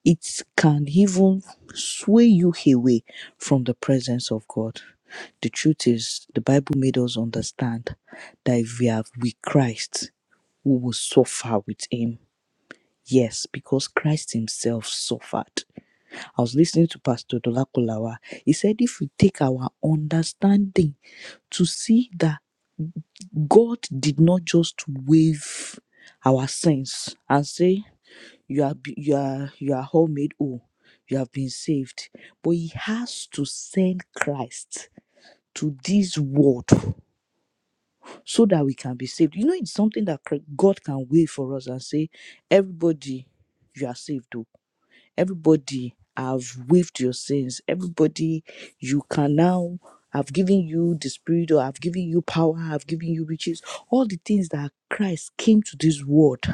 it can even sway you away from the presence of god the truth is the bible made us understand that if we are with christ who will suffer with him. Yes, because Christ himself suffered. I was listening to Pastor Dolakolawa. He said, if we take our understanding to see that God did not just waive our sins and say, you are, be- you are, you are all made whole. You have been saved. But he has to send Christ to this world so that we can be saved. You know, it's something that cr- God can wait for us and say, everybody, you are saved, though. Everybody, I've waived your sins. Everybody, you can now, I've given you the spirit, or I've given you power, I've given you riches. All the things that Christ came to this world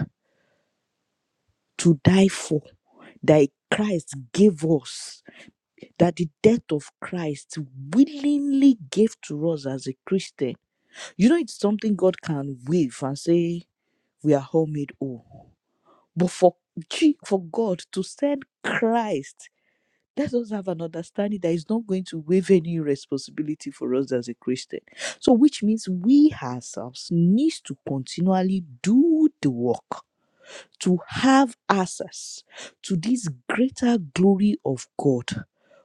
to die for, that Christ gave us, that the death of Christ willingly gave to us as a Christian. You know, it's something God can wave and say, we are all made whole. But for G- for God to send Christ, let us have an understanding that is not going to waive any responsibility for us as a Christian. So, which means we ourselves need to continually do the work to have access to this greater glory of God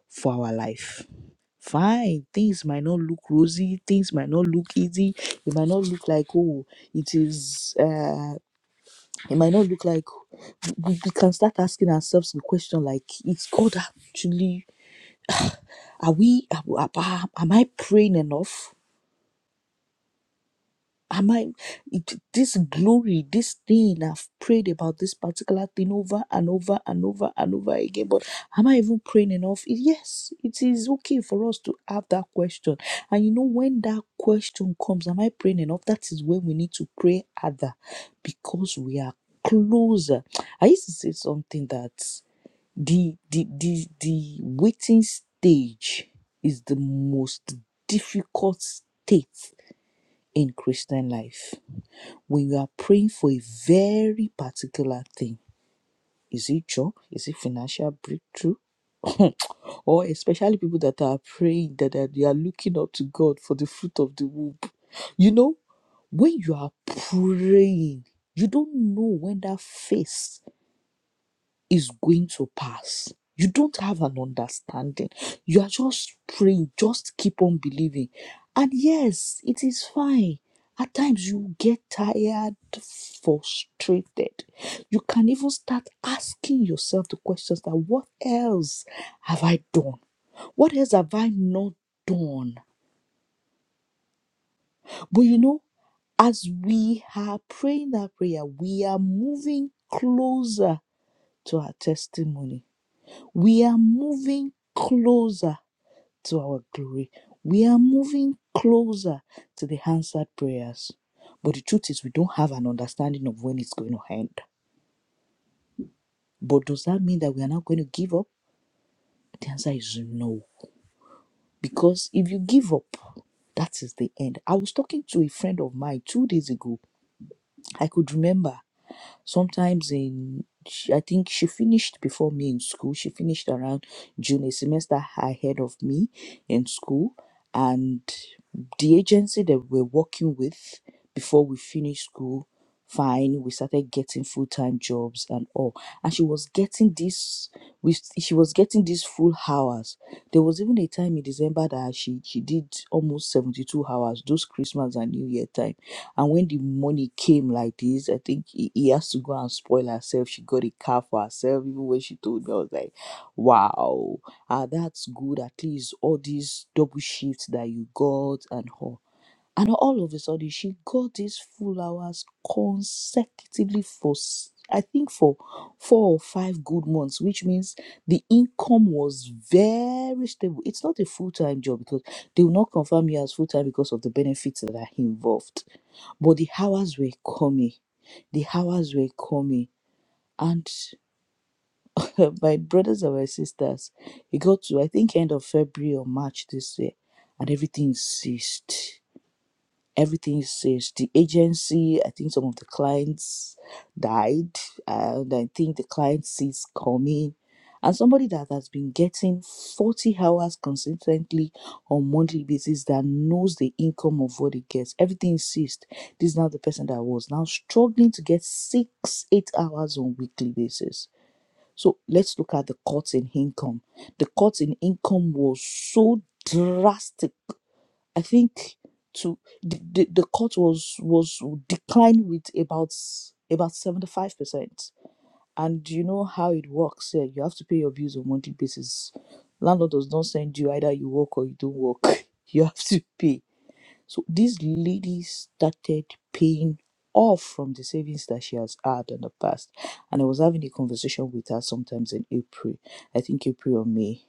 for our life. Fine, things might not look rosy, things might not look easy, it might not look like, oh, it is. uh, it might not look like we, we can start asking ourselves the question like, is God actually, are we, am am I praying enough? Am I, it- this glory, this thing, I've prayed about this particular thing over and over and over and over again, but am I even praying enough? Yes, it is okay for us to have that question. And you know, when that question comes, am I praying enough? That is when we need to pray other because we are closer. I used to say something that the the the the waiting stage is the most difficult state in christian life when you are praying for a very particular thing is it job is it financial breakthrough or especially people that are praying that are- they are looking up to god for the fruit of the womb you know when you are praying you don't know when that face is going to pass. You don't have an understanding. You are just praying, just keep on believing. And yes, it is fine. At times you get tired, frustrated. You can even start asking yourself the questions that what else have I done? What else have I not done? But you know, as we are praying that prayer, we are moving closer to our testimony We are moving closer to our glory. We are moving closer to the answered prayers. But the truth is, we don't have an understanding of when it's going to end. But does that mean that we are not going to give up? The answer is no. Because if you give up, that is the end. I was talking to a friend of mine two days ago. I could remember. Sometimes in sh- I think she finished before me in school. She finished around June, a semester ahead of me in school. And the agency that we're working with before we finished school, fine, we started getting full time jobs and all. And she was getting this with she was getting these full hours. There was even a time in December that she she did almost 72 hours, those Christmas and New Year time and when the money came like this, I think he, he has to go and spoil herself. She got a car for herself. Even when she told me, I was like, wow, ah, that's good. At least all these double shifts that you got and all. And all of a sudden, she got these full hours consecutively for, s- I think, for four or five good months, which means the income was very stable. It's not a full time job because they will not confirm you as full time because of the benefits that are involved. But the hours were coming, the hours were coming. And my brothers and my sisters, it got to, I think, end of February or March this year, and everything ceased everything is staged. The agency, I think some of the clients died, and I think the client sees coming. And somebody that has been getting 40 hours consistently on monthly basis that knows the income of what it gets. Everything is ceased. This is now the person that was now struggling to get six, eight hours on weekly basis. So let's look at the cut in income. The cut in income was so drastic I think to the, the, the cut was was declined with about about seventy five percent. And you know how it works here. You have to pay your bills on monthly basis. Landlord does not send you either you work or you don't work. You have to pay. So this lady started paying off from the savings that she has had in the past. And I was having a conversation with her sometimes in April, I think April or May.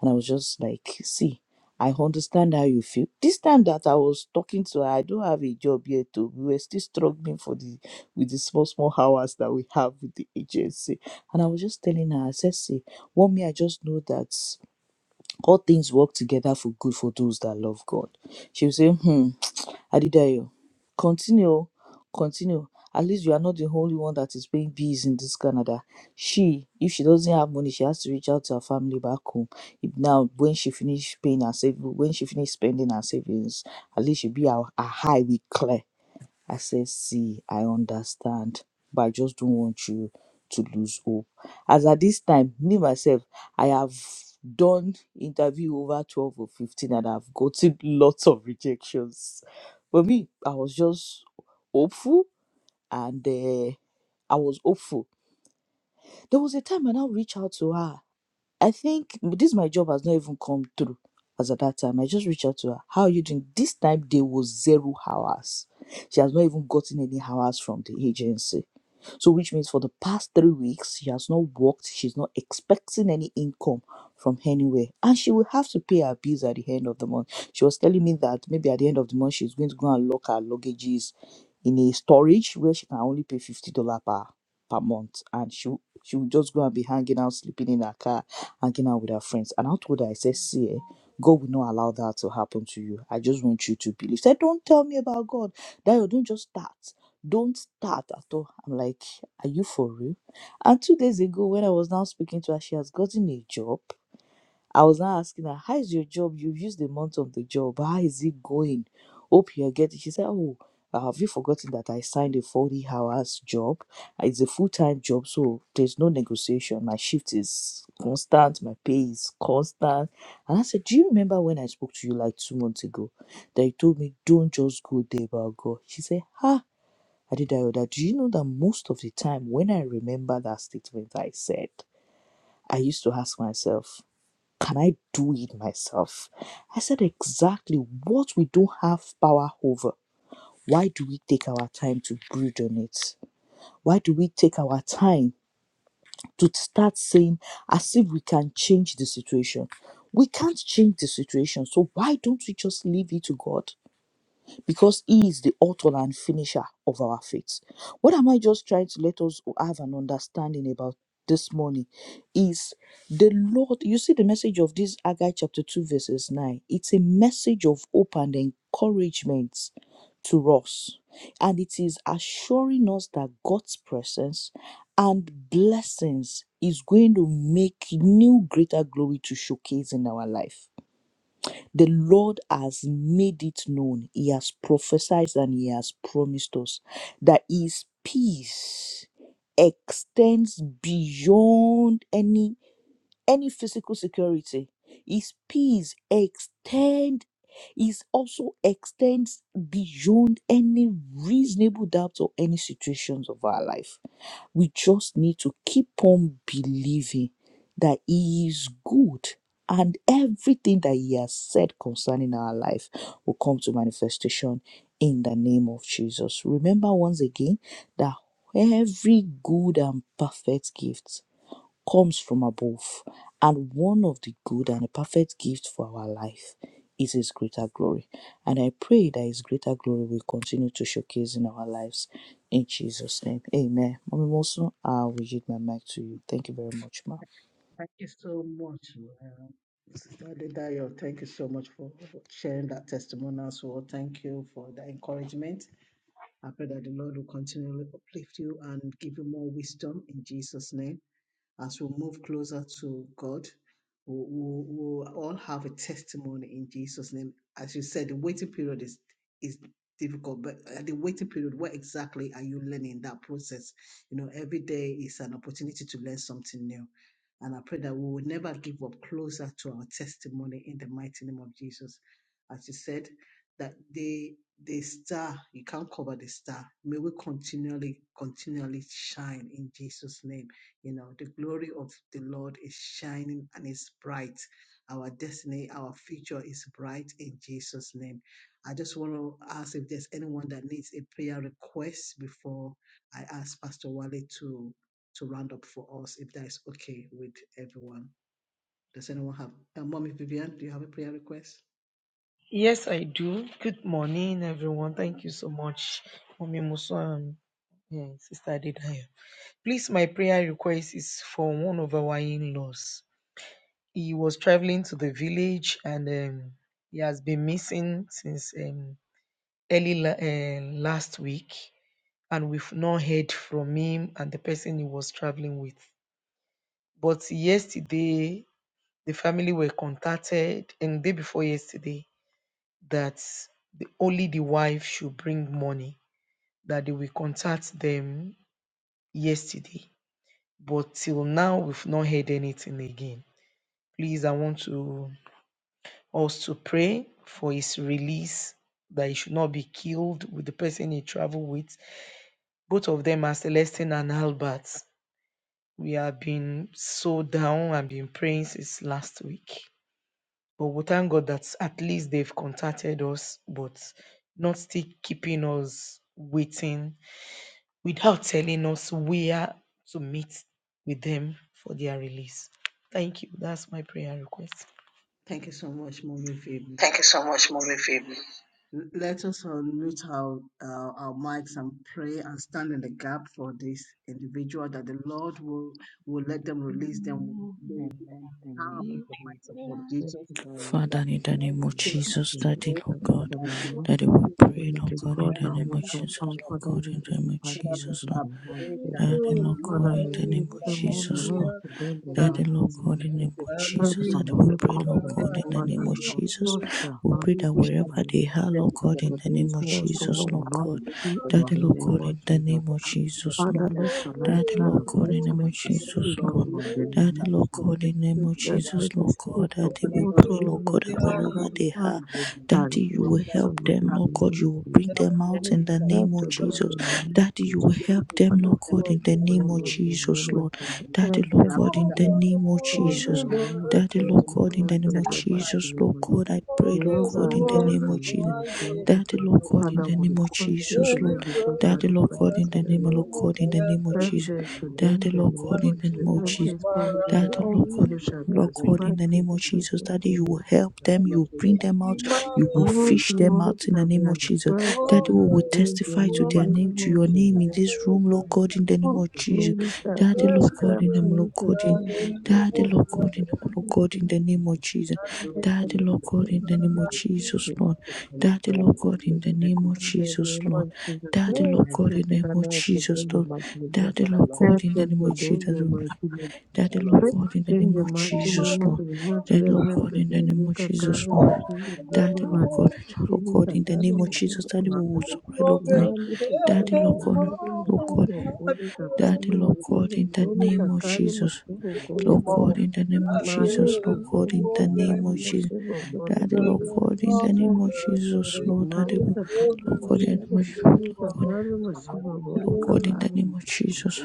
And I was just like, see, I understand how you feel. This time that I was talking to her, I don't have a job yet. Too. We were still struggling for the with the small, small hours that we have with the agency. And I was just telling her, I said, see, one me, I just know that all things work together for good for those that love God. She was saying, hmm. Adedayo, continue, oh, continue. At least you are not the only one that is paying bills in this Canada. She, if she doesn't have money, she has to reach out to her family back home. If now, when she finish paying her savings, when she finish spending her savings, at least she be her, her high with clear. I said, See, I understand, but I just don't want you to lose hope. As at this time, me myself, I have done interview over 12 or 15 and I've gotten lots of rejections. But me, I was just hopeful and uh, I was hopeful. There was a time I now reached out to her I think this my job has not even come through as at that time. I just reached out to her. How are you doing? This time there was zero hours. She has not even gotten any hours from the agency. So, which means for the past three weeks, she has not worked, she's not expecting any income from anywhere, and she will have to pay her bills at the end of the month. She was telling me that maybe at the end of the month, she's going to go and lock her luggages in a storage where she can only pay $50 per, per month, and she she will just go and be hanging out, sleeping in her car, hanging out with her friends. And I told her, I said, See, eh, God will not allow that to happen to you. I just want you to believe. She said, Don't tell me about God. Dayo, don't just start don't start at all. I'm like, are you for real? And two days ago, when I was now speaking to her, she has gotten a job. I was now asking her, how is your job? You've used the month of the job. How is it going? Hope you're getting. She said, oh, uh, have you forgotten that I signed a 40 hours job? It's a full time job, so there's no negotiation. My shift is constant, my pay is constant. And I said, Do you remember when I spoke to you like two months ago that you told me, don't just go there, about God? She said, Ha, Adedayoda, do you know that most of the time when I remember that statement I said, I used to ask myself, can I do it myself? I said exactly what we don't have power over. Why do we take our time to brood on it? Why do we take our time to start saying as if we can change the situation? We can't change the situation, so why don't we just leave it to God? because he is the author and finisher of our faith. What am I just trying to let us have an understanding about this morning is the Lord. You see, the message of this Agai chapter 2, verses 9, it's a message of hope and encouragement to us, and it is assuring us that God's presence and blessings is going to make new greater glory to showcase in our life the Lord has made it known. He has prophesied and He has promised us that His peace extends beyond any any physical security. His peace extend is also extends beyond any reasonable doubt or any situations of our life. We just need to keep on believing that He is good and everything that He has said concerning our life will come to manifestation in the name of Jesus. Remember once again that every good and perfect gift comes from above, and one of the good and the perfect gifts for our life is His greater glory. And I pray that His greater glory will continue to showcase in our lives in Jesus' name. Amen. Mommy Mosun, I will yield my mic to you. Thank you very much, ma. Thank you so much, um, Sister Adedayo. Thank you so much for sharing that testimonial. So, thank you for the encouragement. I pray that the Lord will continually uplift you and give you more wisdom in Jesus' name. As we move closer to God, we we- we all have a testimony in Jesus' name. As you said, the waiting period is is difficult, but at the waiting period, what exactly are you learning in that process? You know, every day is an opportunity to learn something new. And I pray that we will never give up closer to our testimony in the mighty name of Jesus. As you said, that the the star, you can't cover the star. May we continually, continually shine in Jesus' name you know, the glory of the Lord is shining and is bright. Our destiny, our future is bright in Jesus' name. I just want to ask if there's anyone that needs a prayer request before I ask Pastor Wale to to round up for us, if that is okay with everyone. Does anyone have? Uh, Mommy Vivian, do you have a prayer request? Yes, I do. Good morning, everyone. Thank you so much, Mommy Muso and eh, Sister Adedaya. Please, my prayer request is for one of our in-laws. He was traveling to the village and um, he has been missing since um, early la- eh, last week, and we've not heard from him and the person he was traveling with. But yesterday, the family were contacted, and day before yesterday, that the, only the wife should bring money that they will contact them yesterday, but till now we've not heard anything again. Please, I want to us to pray for his release, that he should not be killed with the person he traveled with. Both of them are Celestine and Albert. We have been so down and been praying since last week. But we thank God that at least they've contacted us, but not still keeping us waiting without telling us where to meet with them for their release. Thank you. That's my prayer request. Thank you so much, Mommy Vivian. Thank you so much, Mommy Phoebe. L- Let us unmute our, uh, our mics and pray and stand in the gap for this individual that the Lord will, will let them release them. They will be Amen. unharmed in Amen. the mighty Jesus. name of We pray Jesus. for the Father, That grace the in to the do Lord name the of will take name of Jesus, Daddy, Jesus. control of Lord Thanks the God, for the mighty name Lord. of Daddy, we Jesus to We pray, will Lord give to God, in God stand the the in the name of hope gap of Jesus, for our their Lord Father God, who in deliverance. to the be name of pardoned Father in Jesus, Lord, I Lord. the name of pray that they Jesus. Daddy, will Lord release God, Father, in the name release of other them all person of Jesus, help Lord. Lord. to them the Father Daddy, mighty Lord, Lord take name God, of in the all Jesus. name the of glory, Help Jesus, take that and all we only the pray, glory, Lord company. take God, me, in all the the name Father, of Lord. honor. Jesus. Touch their We No heart pray to that do evil shall the wherever be name they of are, Jesus. them Lord in the God, mighty in name That of the this name of Jesus. war solo Jesus, will Lord I ask not be God. you are seen for your in Daddy, the Lord hand. name God, I of in the Jesus. name of ask for your Jesus, Father, Lord. let presence in your the light name. Daddy, shine Lord up. God, Let Father, in the name mercy of we pray, Jesus, speak, Lord, O Lord. no Lord, in the evil name Daddy, of shall Lord befall Jesus God, them. in the Pray name of for the that Jesus, wife of message Lord God. speak God. of Daddy, Father, we what Lord, pray, our please Lord God, the that did keep wherever not them, they want O are, Lord. and Daddy, the you Will will follow help ransom of the them, the Lord past God. human You them. will bring creature. Help them them. out in You the name of After that the Jesus. they human Daddy, you will creature, help will them, and Lord treat them God, after in the the name burden of successfully. of the Jesus, Praise human Lord. them, creature, Lord. Daddy, and Lord then God, After in the the forget harvest, name of they will in the Jesus. come name and of Daddy, you Lord know, Jesus, God, in the and name after of the testify Jesus, to the Lord baptism, God, people I in pray, Lord Jesus' God, Jehovah, in the help name. name to of the Jesus. Father, baptism, Daddy, pray Lord Lord, God, and in I which the have will name been not of poured out continue Jesus, in Lord. today Jesus' because you name. are Daddy, the Lord God, That's in the God name happened. of Lord of Lord, we God, in bless the you in name of Send Jesus' Jesus. them to name. them Daddy, the Lord name God, in of the Jesus. name of Lord, Jesus. Every it would family, Daddy, all be Lord God, glory shall be Lord God, greater. in ascribed the to name of you to Jesus, them Daddy, the you name will Because of help Jesus. I them, you love will the bring fact them that out, some of you will them are so All used fish to them glory out in things the shall in be name this of world. Jesus. ascribed So I to Daddy, think you we it to will is a them the testify great to their name, name blessing. to of your name Jesus. in Thank you, this room, Jesus. Lord God, in Thank the you, name All of Jesus. Jesus. Thank you, glory shall Jesus. be Daddy, Lord Bless God, ascribed you, in the to name, Lord you Jesus. to God, in them Thank the you, name Daddy, of Jesus. Lord God, in Jesus. the name, And Lord it Thank God, you, is in the name of Jesus. Jesus. Because I love you, Daddy, Lord Jesus. God, in Love ascribed to the name them you, of Lord. the Jesus, In Lord. Jesus' name we Daddy, pray. name of Lord God, Amen. in Jesus. the Thank name you, of To them Jesus. the Jesus, name Lord. of Jesus. Daddy, Glory Lord Amen. to God, in the the name Father, of Lord, to Jesus, them the Lord. Hallelujah. mighty Jesus. But Daddy, I Lord love God, Help in the them name to you, of them Jesus, the Jesus. Lord. mighty leader. But Daddy, I love Lord you, God, in the Jesus. name Tende of machine Jesus, Lord. mazuri mazuri Daddy, Let us Lord God, in the take name of yanayopeperuka Jesus, kama Lord. mashine gole Daddy, the Lord God, oh, malipo Lord kwenye God, in the is sakari name of confined to Jesus, mashine the Daddy, we will family. supply, Lord God. Thank imani you, Jesus. Daddy, kwenye Lord Thank God, you, sakari Jesus. Lord mashine God. Thank you. gole sakari Thank Daddy, you, Lord God. Lord, we God, mashine in the gole name of give you sakari Jesus. the mashine gole Lord God, Thank sakari in the you, name of Jesus. mali Jesus, Lord Hallelujah. God, kwenye in the Thank you, name sakari of Jesus. Jesus. mashine gole Daddy, Hallelujah. Lord Thank sakari God, in mashine the name you, of Jesus. Jesus, Hallelujah. Lord, Daddy, mali Thank you, Jesus. sakari Lord Thank God, in mashine the name you. of Lord gole God, sakari mashine Hallelujah. gole Lord In God, in the Jesus' sakari name name, of Amen. Jesus.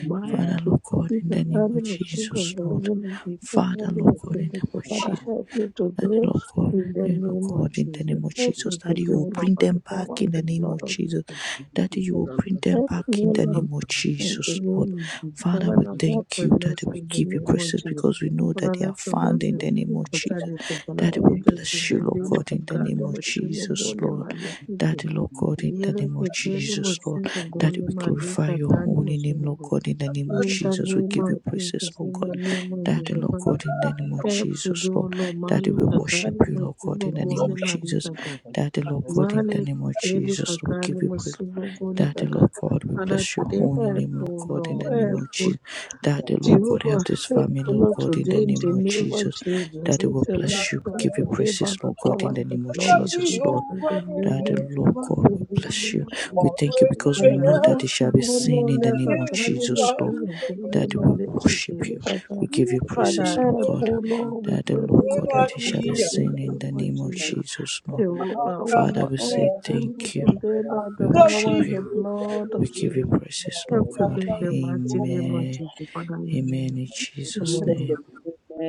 Mark Father, Amen. Lord God, Thank in you, the the name family of was sugar Jesus, Lord. volume and the Father, problem Lord is God, in Jesus. single. the name So of Thank you, Jesus. Father, Jesus. help me Daddy Thank today Lord God, in the Daddy you, Lord name Jesus. of God, in the Jesus. name of Help Jesus, me Daddy, you today, O will Lord, bring by the them power back in of the the name blood of of Jesus. Jesus. Daddy, you will bring them Help me, back in O the name Lord, of in the Jesus, Lord. name of Jesus. Father, Father, we now help thank my you, Daddy, mercy we in the give you name of praises Jesus. because we know that Father, they let are your found mercy in the name speak of concerning Jesus. this one. Father, Daddy, we help them bless you, today. They Lord will not God, be in the caught. They name of will chew on Jesus, God. They Lord. might look at you. Daddy, Lord God, in the Yere name of kekele mo Jesus, Lord. singo Daddy, gole we glorify malika your tali holy name, Lord mo God, in the name of in the Jesus. We name give you of praises, Jesus, Lord in the God. name of Daddy, Jesus, Lord Father, God, in the name of help to Jesus, do Lord. lo Daddy, mali we worship kakali you, Lord God, masibo in the name gole of Jesus. maritaka. Daddy, Lord God, in Mali the name of kikeli Jesus, we give kakali you praise. masibo gole Daddy, Lord kaka. God, we Father, bless your today holy help, name, O Lord God, in Lord, the name help, of O Jesus. Daddy, Lord God, help Jehovah, this help, family, O Lord Lord, God, in the today in name the of name of Jesus. Jesus. Daddy, Let we your help bless you, we come give you today by praises, the Jesus. Lord God, power in the and the name of blood of Thank Jesus, Jesus. Lord. In the name Daddy, of Lord Jesus, God, in we the bless you. name of Jesus. We thank you because we know Abaana that it shall be seen in kuzonoona the Jesus. name of bakali Jesus, Lord. musinga Daddy, we maleke worship kele you. We baka. give you Father, praises, Lord help, God. oh Lord, we That the pray Lord for your God help which shall be today you. in the seen in the name of name of Jesus. Jesus, Lord. Jehovah, oh Father, Lord, we say help, oh Lord, thank you. today by We the worship power and the you. blood We of give you Jesus. praises, Help Lord God. today in the mighty name of Amen. Jesus. Father, Amen amen. in Jesus' Amen. name.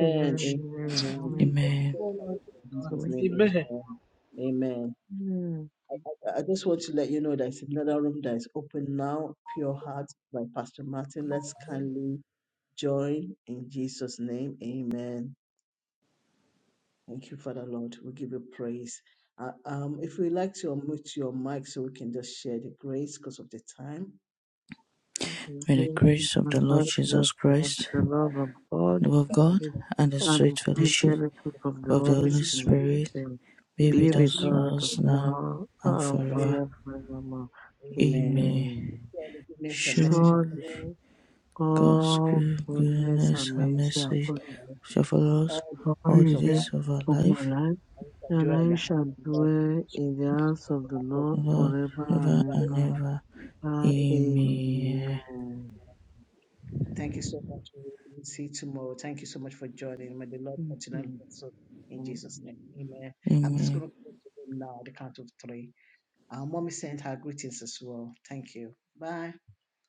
Amen. Amen. Amen. Amen. amen. Amen. Amen. Amen. Amen. Amen. Amen. Amen. in Amen. Amen. Amen. Amen. Amen. Amen. Jesus' Amen. name, amen. Amen. I just want to let you know there's another room that is open now, Pure Heart by Pastor Martin. Let's kindly join in Jesus' name. Amen. Thank you, Father Lord. We give you praise. Uh, um, if you'd like to unmute your mic so we can just share the grace because of the time. May the grace of the Lord Jesus Amen. Christ, Amen. Amen. Amen. Amen. the love of God, and the and sweet receive fellowship the free fellowship of the of the Holy Holy Holy Spirit Spirit and be Spirit be with with with us Amen. us now, us now now and and forever. forever. forevermore. Amen. Amen. Amen. Surely Goodness and mercy Surely shall Surely follow God's all good, goodness and goodness and mercy shall mercy follow us shall follow us all all the all days the the of days our days life, of our of my life, life, and we shall dwell in and I the house. shall of the Lord dwell in the house of the Lord Lord, forever ever and and ever. ever. Ah, Amen. Amen. Thank you so much. We'll see you tomorrow. Thank you so much for joining. May the Lord continue to Mhm. bless us in Jesus' Mhm. name. Amen. I'm just Amen. going to go to them now at the count of three. Our mommy sent her greetings as well. Thank you. Bye.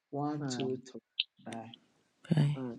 One, Bye. two, three. Bye. Bye. Bye.